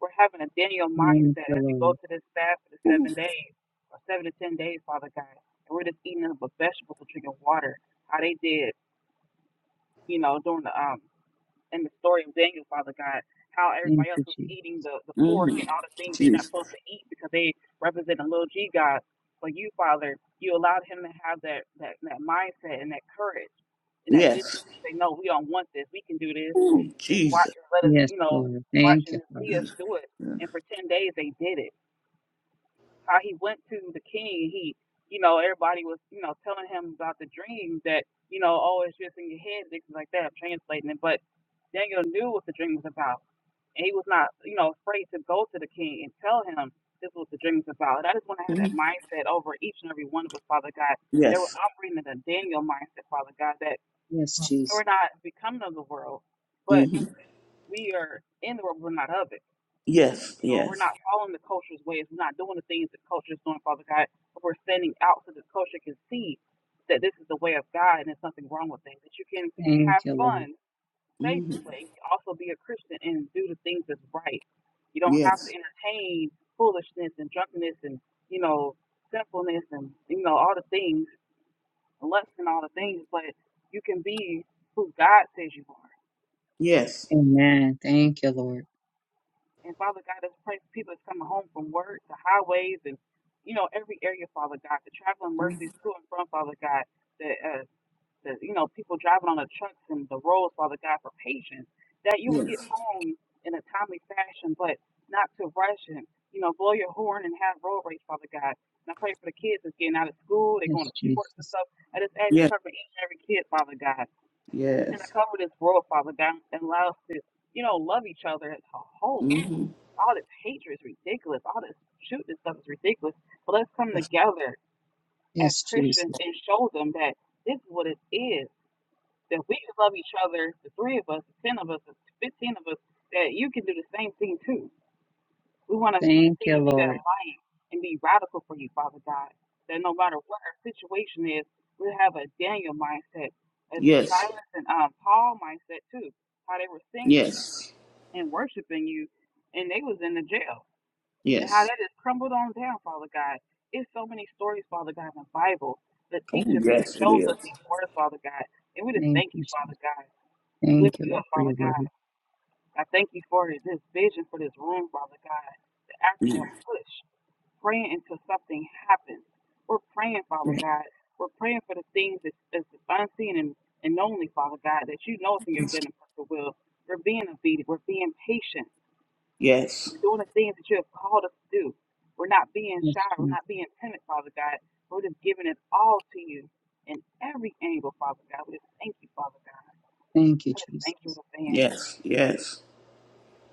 Speaker 1: We're having a Daniel
Speaker 2: Thank
Speaker 1: mindset
Speaker 2: you,
Speaker 1: as we go
Speaker 2: Lord.
Speaker 1: to this fast for the seven days or seven to ten days, Father God. And we're just eating up with vegetables and drinking water. How they did, you know, during the um in the story of Daniel, Father God, how
Speaker 2: Thank
Speaker 1: everybody else
Speaker 2: you,
Speaker 1: was
Speaker 2: Jesus.
Speaker 1: eating the, the pork
Speaker 3: Mm-hmm.
Speaker 1: and all the things they're not
Speaker 3: Jesus.
Speaker 1: supposed to eat because they represent a little G God. But you, Father, you allowed him to have that, that, that mindset and that courage and that
Speaker 3: Yes.
Speaker 1: discipline to say, no, we don't want this. We can do this.
Speaker 3: Mm,
Speaker 1: Just watch
Speaker 3: Jesus.
Speaker 1: and let us,
Speaker 2: Yes,
Speaker 1: you know,
Speaker 2: Lord.
Speaker 1: watch
Speaker 2: Thank you,
Speaker 1: and
Speaker 2: Father.
Speaker 1: see us do it. And for 10 days, they did it how he went to the king and he you know everybody was you know telling him about the dream that you know oh it's just in your head things like that I'm translating it but Daniel knew what the dream was about and he was not you know afraid to go to the king and tell him this was what the dream was about and I just want to have that
Speaker 3: Mhm.
Speaker 1: mindset over each and every one of us Father God that we're
Speaker 3: Yes.
Speaker 1: operating in a Daniel mindset Father God that
Speaker 2: Yes, Jesus.
Speaker 1: we're not becoming of the world but
Speaker 3: Mm-hmm.
Speaker 1: we are in the world but we're not of it
Speaker 3: Yes.
Speaker 1: you know, we're
Speaker 3: Yes.
Speaker 1: not following the culture's ways. We're not doing the things that culture is doing, Father God. But we're standing out so the culture can see that this is the way of God and there's nothing wrong with things. That you can have
Speaker 2: Thank you, Lord.
Speaker 1: fun
Speaker 3: Mm-hmm.
Speaker 1: safely, but you can also be a Christian and do the things that's right. You don't have to
Speaker 3: Yes.
Speaker 1: entertain foolishness and drunkenness and, you know, sinfulness and, you know, all the things, lust and all the things, but you can be who God says you are.
Speaker 3: Yes.
Speaker 2: Amen. Thank you, Lord.
Speaker 1: And Father God, as pray for people that's coming home from work, the highways, and you know every area, Father God, the traveling
Speaker 3: Mhm.
Speaker 1: mercies to and from, Father God, the uh, the you know people driving on the trucks and the roads, Father God, for patience, that you would get home in a timely fashion, but not to rush and you know blow your horn and have road rage, Father God. And I pray for the kids that's getting out of school, they're going
Speaker 2: Yes,
Speaker 1: to sports and
Speaker 2: Jesus.
Speaker 1: stuff. I just ask you to
Speaker 3: Yes.
Speaker 1: cover each and every kid, Father God,
Speaker 3: Yes.
Speaker 1: and I
Speaker 3: Yes.
Speaker 1: cover this world, Father God, and allow us to you know love each other as a whole
Speaker 3: Mm-hmm.
Speaker 1: all this hatred is ridiculous. All this shooting stuff is ridiculous. But let's come
Speaker 3: Yes.
Speaker 1: together as
Speaker 2: Yes,
Speaker 1: Christians
Speaker 2: Jesus.
Speaker 1: and show them that this is what it is. That we can love each other, the three of us, the ten of us, the fifteen of us, that you can do the same thing too. We want to
Speaker 2: Thank you,
Speaker 1: continue to be that
Speaker 2: Lord.
Speaker 1: lion and be radical for you, Father God. That no matter what our situation is, we have a Daniel mindset, as a
Speaker 3: Yes.
Speaker 1: Silas and um, Paul mindset too. How they were singing
Speaker 3: Yes.
Speaker 1: and worshiping you, and they was in the jail and how
Speaker 3: Yes.
Speaker 1: that is crumbled on down, Father God. It's so many stories, Father God, in the Bible that
Speaker 3: Oh,
Speaker 1: teaches and it
Speaker 3: yes, it
Speaker 1: shows us
Speaker 3: is.
Speaker 1: these words, Father God. And we just
Speaker 2: Thank
Speaker 1: thank
Speaker 2: you,
Speaker 1: you, Father
Speaker 2: Jesus.
Speaker 1: God. We
Speaker 2: Thank
Speaker 1: lift
Speaker 2: you,
Speaker 1: you
Speaker 2: Lord,
Speaker 1: up,
Speaker 2: for your
Speaker 1: Father
Speaker 2: word.
Speaker 1: God. I thank you for this vision for this room, Father God. The
Speaker 3: Yes.
Speaker 1: acronym push, praying until something happens. We're praying, Father
Speaker 3: Mm-hmm.
Speaker 1: God. We're praying for the things that's, that's unseen and, and only, Father God, that you know is in your good and perfect will. We're being obedient. We're being patient.
Speaker 3: Yes,
Speaker 1: We're doing the things that you have called us to do. We're not being
Speaker 2: Yes,
Speaker 1: shy. We're
Speaker 2: Jesus.
Speaker 1: not being timid, Father God. We're just giving it all to you in every angle, Father God. We just thank you, Father God.
Speaker 2: Thank you,
Speaker 1: I just
Speaker 2: Jesus.
Speaker 1: thank you in advance.
Speaker 3: yes, yes,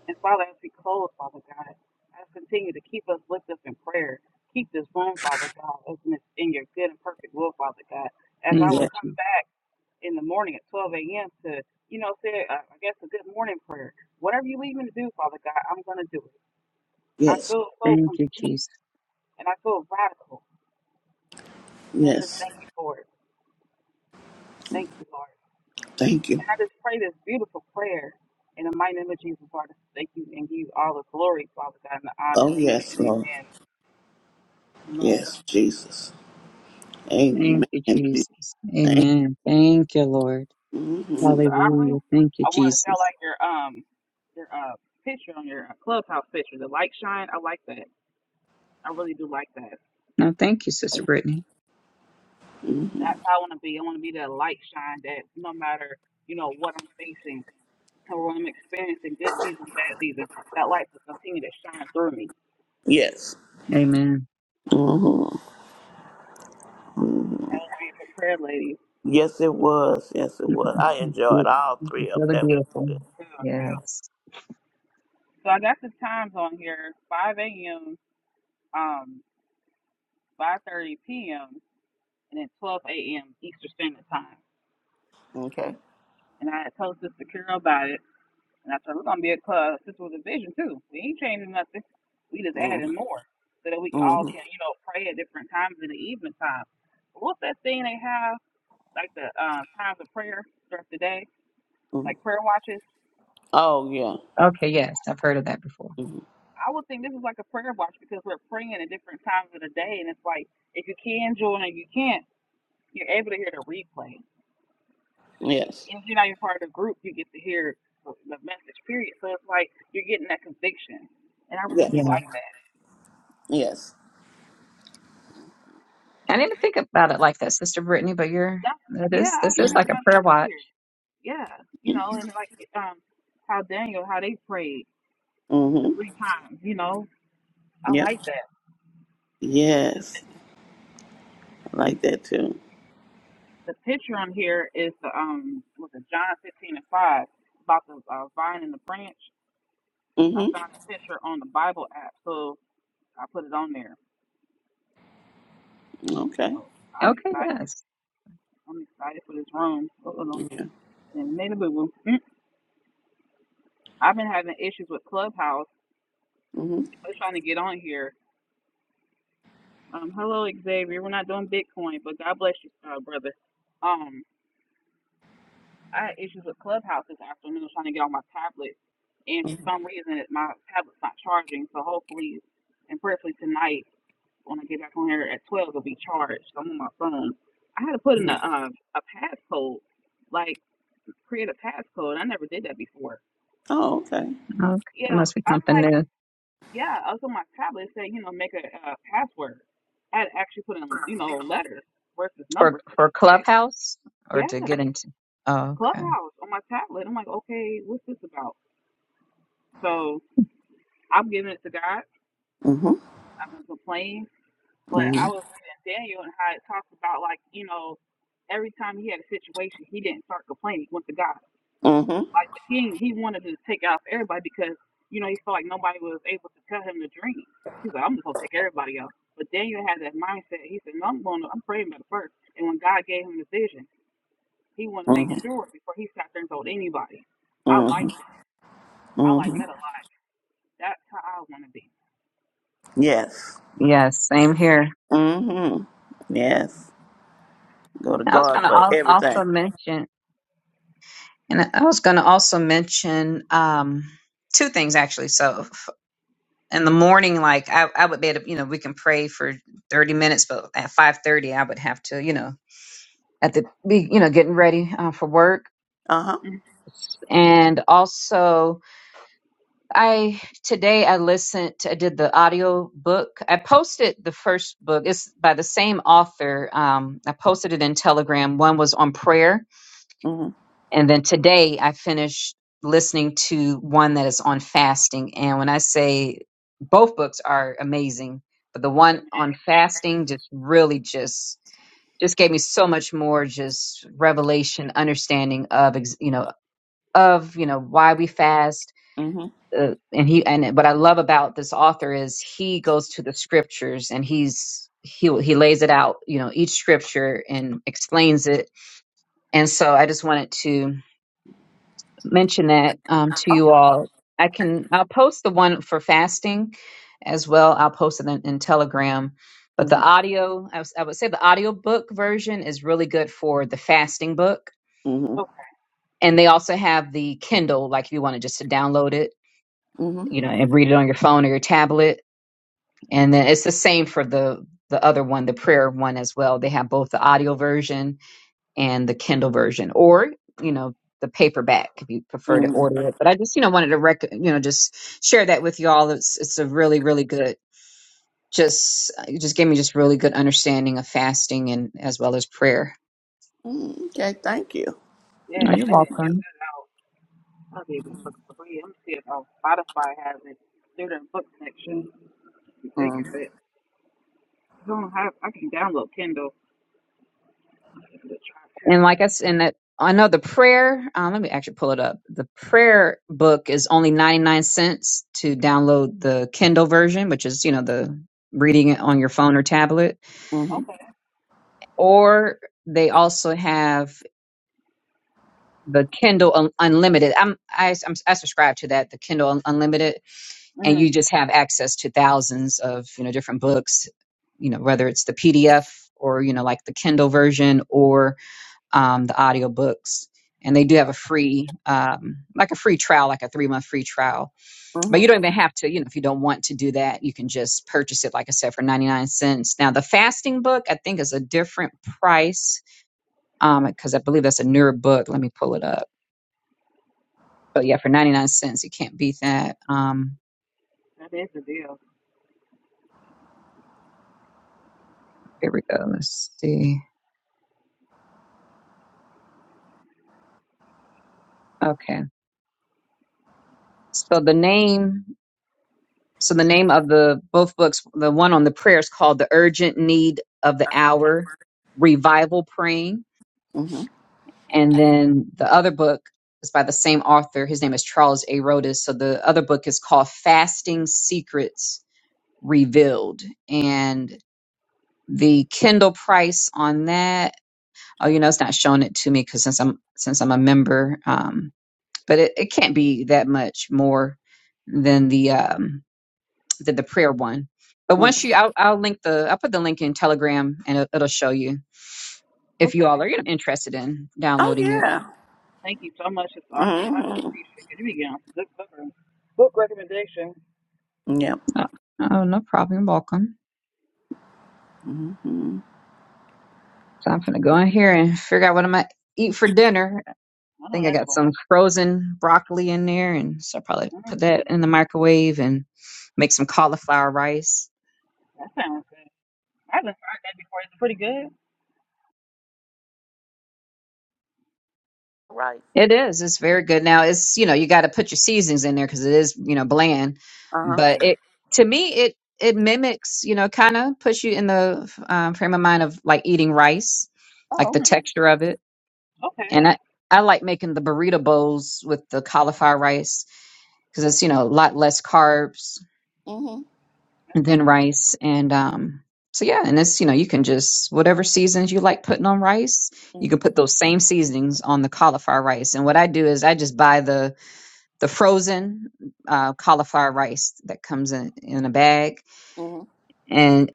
Speaker 1: And Father, as we close, Father God, I just continue to keep us lifted up in prayer. Keep this room, Father God, open it's in your good and perfect will, Father God. As I
Speaker 2: Thank
Speaker 1: will
Speaker 2: you,
Speaker 3: yes,
Speaker 1: come
Speaker 2: Jesus.
Speaker 1: back in the morning at 12 a.m. to, you know, say, uh, I guess, a good morning prayer. Whatever you lead me to do, Father God, I'm going to do it. I
Speaker 3: yes,
Speaker 1: feel so
Speaker 2: Thank you,
Speaker 1: complete
Speaker 2: Jesus.
Speaker 1: And I feel radical. And I just
Speaker 3: yes.
Speaker 1: thank you for it. Thank you, Lord.
Speaker 3: Thank
Speaker 1: And
Speaker 3: you.
Speaker 1: I just pray this beautiful prayer in the mighty name of Jesus, Lord. I Thank you and give you all the glory, Father God, and the honor.
Speaker 3: Oh,
Speaker 1: Amen.
Speaker 3: yes, Lord.
Speaker 1: Amen. Amen.
Speaker 3: Yes, Jesus. Amen.
Speaker 2: Thank you,
Speaker 3: Jesus.
Speaker 2: Jesus.
Speaker 3: Thank
Speaker 2: Amen. Thank you, Lord.
Speaker 3: hmm
Speaker 1: Sister Aubrey,
Speaker 2: Hallelujah. Thank you,
Speaker 1: I want to sound
Speaker 2: Jesus.
Speaker 1: like your um your uh picture on your uh, clubhouse picture, the light shine. I like that. I really do like that.
Speaker 2: Now, thank you, Sister Brittany.
Speaker 3: hmm
Speaker 1: That's how I want to be. I want to be that light shine that no matter you know what I'm facing or what I'm experiencing, good season, bad season, that light will continue to shine through me.
Speaker 3: Yes.
Speaker 2: Amen.
Speaker 3: Mm-hmm.
Speaker 1: That was beautiful prayer, ladies.
Speaker 3: Yes, it was. Yes, it was. I enjoyed
Speaker 2: Yep.
Speaker 3: all
Speaker 2: This is
Speaker 3: three of
Speaker 2: really
Speaker 3: them. That was
Speaker 2: beautiful.
Speaker 3: good.
Speaker 1: Yeah.
Speaker 3: Yes.
Speaker 2: Yes.
Speaker 1: So I got the times on here: 5 a.m., um, 5:30 p.m., and then 12 a.m. Eastern Standard Time.
Speaker 3: Okay.
Speaker 1: And I had told Sister Carol about it, and I said we're gonna be a club. This was a vision too. We ain't changing nothing. We just
Speaker 3: hmm
Speaker 1: adding more so that we all
Speaker 3: hmm
Speaker 1: can, you know, pray at different times in the evening time. What's that thing they have like the uh, times of prayer throughout the day,
Speaker 3: hmm
Speaker 1: like prayer watches?
Speaker 3: Oh, yeah.
Speaker 2: Okay. Yes, I've heard of that before.
Speaker 3: hmm
Speaker 1: I would think this is like a prayer watch because we're praying at different times of the day, and it's like if you can join, and if you can't, you're able to hear the replay.
Speaker 3: Yes.
Speaker 1: And if you're not even part of the group, you get to hear the the message. Period. So it's like you're getting that conviction, and I really do
Speaker 3: Yes.
Speaker 2: Yeah.
Speaker 1: like that.
Speaker 3: Yes.
Speaker 2: I didn't think about it like that, Sister Brittany. But you're
Speaker 1: That's
Speaker 2: that
Speaker 1: yeah,
Speaker 2: is
Speaker 1: I was
Speaker 2: this is
Speaker 3: Mm-hmm.
Speaker 1: thinking
Speaker 2: like a
Speaker 1: about
Speaker 2: prayer
Speaker 1: that
Speaker 2: watch.
Speaker 1: earlier. Yeah, you know, and like um, how Daniel, how they prayed the
Speaker 3: Mm-hmm.
Speaker 1: three times. You know, I
Speaker 3: Yep.
Speaker 1: like that.
Speaker 3: Yes. I like that too.
Speaker 1: The picture on here is the um, was it John 15 and 5 about the uh, vine and the branch I
Speaker 3: Mm-hmm.
Speaker 1: found a picture on the Bible app, so I put it on there.
Speaker 3: Okay.
Speaker 1: I'm
Speaker 2: Okay.
Speaker 1: excited.
Speaker 2: Yes.
Speaker 1: I'm excited for this room. Uh-oh.
Speaker 3: Yeah.
Speaker 1: And made a boo boo. Mm. I've been having issues with Clubhouse.
Speaker 3: hmm
Speaker 1: I'm trying to get on here. Um, hello Xavier. We're not doing Bitcoin, but God bless you, uh, brother. Um, I had issues with Clubhouse this afternoon trying to get on my tablet, and for some reason it, my tablet's not charging. So hopefully and prayerfully tonight when I get back on here at 12 it'll be charged. So I'm on my phone. I had to put in a um a passcode, like create a passcode. I never did that before.
Speaker 3: Oh, okay.
Speaker 2: Okay. It
Speaker 1: Yeah,
Speaker 2: must be
Speaker 1: I'm
Speaker 2: something
Speaker 1: like,
Speaker 2: new
Speaker 1: yeah, I was on my tablet it said, you know, make a, uh password. I had to actually put in, you know, letters versus
Speaker 2: for
Speaker 1: numbers. I
Speaker 2: for
Speaker 1: said, okay,
Speaker 2: Clubhouse or to
Speaker 1: yeah,
Speaker 2: get into. Oh, Okay.
Speaker 1: Clubhouse on my tablet. I'm like, okay, what's this about? So I'm giving it to God.
Speaker 3: hmm
Speaker 1: I'm gonna complain But
Speaker 3: hmm
Speaker 1: I was reading Daniel and how it talks about like you know every time he had a situation, he didn't start complaining. He went to God.
Speaker 3: hmm
Speaker 1: Like the king, he wanted to take out everybody because you know he felt like nobody was able to tell him the dream. He's like, I'm just gonna take everybody out. But Daniel had that mindset. He said, No, I'm going. to I'm praying about it first. And when God gave him the vision, he wanted to make
Speaker 3: hmm
Speaker 1: sure before he sat there and told anybody. I
Speaker 3: hmm
Speaker 1: like that. I like
Speaker 3: hmm
Speaker 1: that a lot. That's how I want to be.
Speaker 3: Yes.
Speaker 2: Yes. Same here.
Speaker 3: hmm Yes. Go to
Speaker 2: I was
Speaker 3: God
Speaker 2: going
Speaker 3: for
Speaker 2: to
Speaker 3: everything.
Speaker 2: also mention, and I was going to also mention um, two things actually. So f- in the morning, like I, I would be able, you know, we can pray for thirty minutes, but at five thirty, I would have to, you know, at the be, you know, getting ready uh, for work.
Speaker 3: Uh huh.
Speaker 1: Mhm.
Speaker 2: And also, I today I listened. I did the audio book. I posted the first book. It's by the same author. Um, I posted it in Telegram. One was on prayer,
Speaker 3: hmm
Speaker 2: And then today I finished listening to one that is on fasting. And when I say both books are amazing, but the one on fasting just really just just gave me so much more just revelation, understanding of ex- you know of you know why we fast.
Speaker 3: hmm
Speaker 2: Uh, and he and what I love about this author is he goes to the scriptures and he's he he lays it out you know each scripture and explains it. And so I just wanted to mention that um, to you all. I can I'll post the one for fasting as well. I'll post it in, in Telegram. But the
Speaker 3: hmm
Speaker 2: audio, I, was, I would say the audiobook version is really good for the fasting book.
Speaker 3: hmm
Speaker 1: Okay.
Speaker 2: And they also have the Kindle, like if you wanted just to download it,
Speaker 3: hmm
Speaker 2: you know, and read it on your phone or your tablet. And then it's the same for the the other one, the prayer one as well. They have both the audio version and the Kindle version, or you know the paperback if you prefer to
Speaker 3: hmm
Speaker 2: order it. But I just you know wanted to rec- you know just share that with you all. It's it's a really really good just it just gave me just really good understanding of fasting and as well as prayer.
Speaker 3: Okay. Thank you.
Speaker 2: Oh,
Speaker 1: Yes,
Speaker 2: you're
Speaker 1: I
Speaker 3: Mm-hmm.
Speaker 1: need to
Speaker 2: welcome.
Speaker 1: get out. I gave them books for free. I'm seeing if uh, Spotify has it. They're book section. They got it. I don't have. I can download Kindle. I can give it a try too.
Speaker 2: And like I s- and that I know the prayer. Um, let me actually pull it up. The prayer book is only ninety nine cents to download the Kindle version, which is you know the reading it on your phone or tablet,
Speaker 3: hmm
Speaker 1: Okay.
Speaker 2: or they also have the Kindle Un- Unlimited. I'm I, I'm I subscribe to that, the Kindle Un- Unlimited, and
Speaker 1: Mm,
Speaker 2: you just have access to thousands of you know different books. You know whether it's the PDF or you know like the Kindle version or um, the audio books, and they do have a free um, like a free trial, like a three month free trial. But
Speaker 3: hmm
Speaker 2: you don't even have to you know if you don't want to do that, you can just purchase it like I said for ninety nine cents. Now the fasting book I think is a different price because I believe that's a newer book. Let me pull it up So yeah, for 99 cents, you can't beat that. Um,
Speaker 1: that is the deal.
Speaker 2: here we go. Let's see. Okay. So the name, so the name of the both books, the one on the prayer is called The Urgent Need of the Hour, Revival Praying. And then the other book is by the same author. His name is Charles A. Rodas. So the other book is called Fasting Secrets Revealed. And the Kindle price on that oh you know it's not showing it to me because since i'm since i'm a member um, but it, it can't be that much more than the um than the prayer one. But
Speaker 3: hmm
Speaker 2: once you, I'll, I'll link the, I'll put the link in Telegram, and it, it'll show you if you
Speaker 1: Okay.
Speaker 2: all are interested in
Speaker 3: Oh
Speaker 2: downloading it.
Speaker 3: yeah.
Speaker 1: Thank you so much, Miss Aubrey. I
Speaker 3: hmm
Speaker 1: appreciate it. You be getting good covering.
Speaker 3: Yep.
Speaker 2: Oh, oh, no problem. You're welcome.
Speaker 3: hmm
Speaker 2: So I'm gonna go in here and figure out what I'm gonna eat for dinner. I
Speaker 1: I know
Speaker 2: think I
Speaker 1: that's
Speaker 2: got some
Speaker 1: right.
Speaker 2: frozen broccoli in there, and so I'll probably
Speaker 1: Mm,
Speaker 2: put that in the microwave and make some cauliflower rice.
Speaker 1: that sounds good. I haven't tried that before. Is it pretty good?
Speaker 3: Right.
Speaker 2: It is. It's very good. Now it's, you know, you got to put your seasonings in there because it is, you know, bland.
Speaker 3: Uh huh.
Speaker 2: But
Speaker 1: Right.
Speaker 2: it, to me, it it mimics, you know, kind of puts you in the um, frame of mind of like eating rice, like
Speaker 3: Oh
Speaker 2: the
Speaker 3: okay.
Speaker 1: Hmm.
Speaker 2: texture of it.
Speaker 1: Okay.
Speaker 2: And I I like making the burrito bowls with the cauliflower rice because it's, you know, a lot less carbs
Speaker 3: hmm
Speaker 1: That
Speaker 2: than
Speaker 1: sounds-
Speaker 2: rice. And um, so yeah, and it's, you know, you can just whatever seasons you like putting on rice, you can put those same seasonings on the cauliflower rice. And what I do is I just buy the the frozen uh, cauliflower rice that comes in, in a bag.
Speaker 3: hmm
Speaker 2: And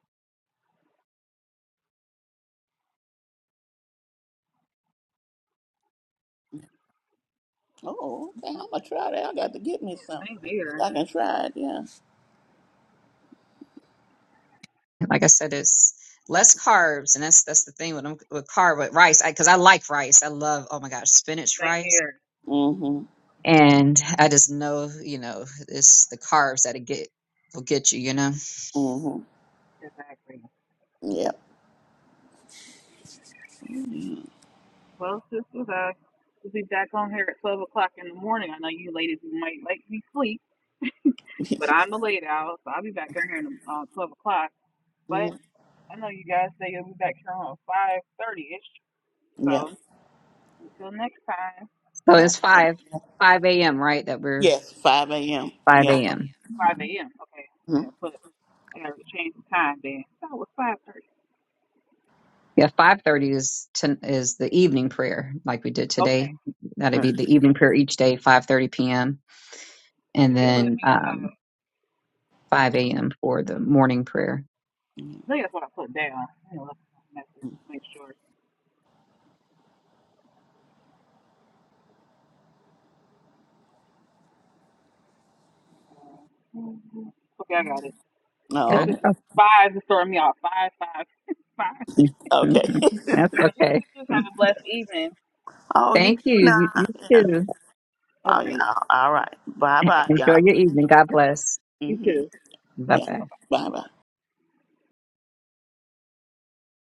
Speaker 3: Oh, okay. I'm gonna try that. I got to get me some.
Speaker 1: Same
Speaker 3: So
Speaker 1: here.
Speaker 3: I can try it. Yeah.
Speaker 2: like I said, it's less carbs, and that's that's the thing with with carb with rice because I, 'cause I like rice. I love oh my gosh spinach
Speaker 1: Same
Speaker 2: rice,
Speaker 1: here.
Speaker 3: Mhm.
Speaker 2: and I just know you know it's the carbs that it get will get you. You know,
Speaker 3: Mhm.
Speaker 1: Exactly.
Speaker 3: Yep. Mhm.
Speaker 1: Well, sisters, I will be back on here at 12 o'clock in the morning. I know you ladies might like be sleep, but
Speaker 3: [laughs]
Speaker 1: I'm a late owl, so I'll be back on here at uh, 12 o'clock. But
Speaker 3: Mhm.
Speaker 1: I know you guys say you'll be back here on 5.30ish,
Speaker 3: Yep.
Speaker 1: so until next time.
Speaker 2: so it's
Speaker 3: Okay.
Speaker 2: five five a.m. right that we're
Speaker 3: Yes. Five a.m.
Speaker 2: five
Speaker 3: Yeah.
Speaker 1: Okay,
Speaker 2: a.m.
Speaker 1: 5 a.m. Okay, okay,
Speaker 3: Mm-hmm.
Speaker 1: put I gotta change the time then. I thought it was 5.30.
Speaker 2: Yeah, five thirty is ten, is the evening prayer like we did
Speaker 1: Okay,
Speaker 2: today. That'd be the evening prayer each day, five thirty p.m. And
Speaker 1: if it let
Speaker 2: then
Speaker 1: me, uh,
Speaker 2: um, 5 a.m. for the morning prayer.
Speaker 1: I
Speaker 3: Mm-hmm.
Speaker 1: think that's what I put down. I'm gonna look at my message, make sure. Okay, I got it.
Speaker 3: Oh,
Speaker 1: It's
Speaker 2: Got it?
Speaker 3: okay.
Speaker 1: just
Speaker 2: Oh,
Speaker 1: five to start me off. Five, five, [laughs] five.
Speaker 2: [laughs]
Speaker 3: Okay.
Speaker 2: mhm.
Speaker 3: [laughs]
Speaker 2: That's
Speaker 1: But
Speaker 2: okay.
Speaker 1: you, you
Speaker 2: [laughs]
Speaker 1: have a blessed evening.
Speaker 3: oh, you do
Speaker 2: Thank you. You, you
Speaker 3: not. Yeah.
Speaker 2: too.
Speaker 1: All
Speaker 3: Oh,
Speaker 1: right.
Speaker 3: yeah. All right. Bye, bye,
Speaker 2: Enjoy
Speaker 3: y'all.
Speaker 2: your evening. God bless.
Speaker 1: You
Speaker 3: Mhm.
Speaker 1: too.
Speaker 2: Bye
Speaker 3: Yeah.
Speaker 2: bye.
Speaker 3: Bye, bye.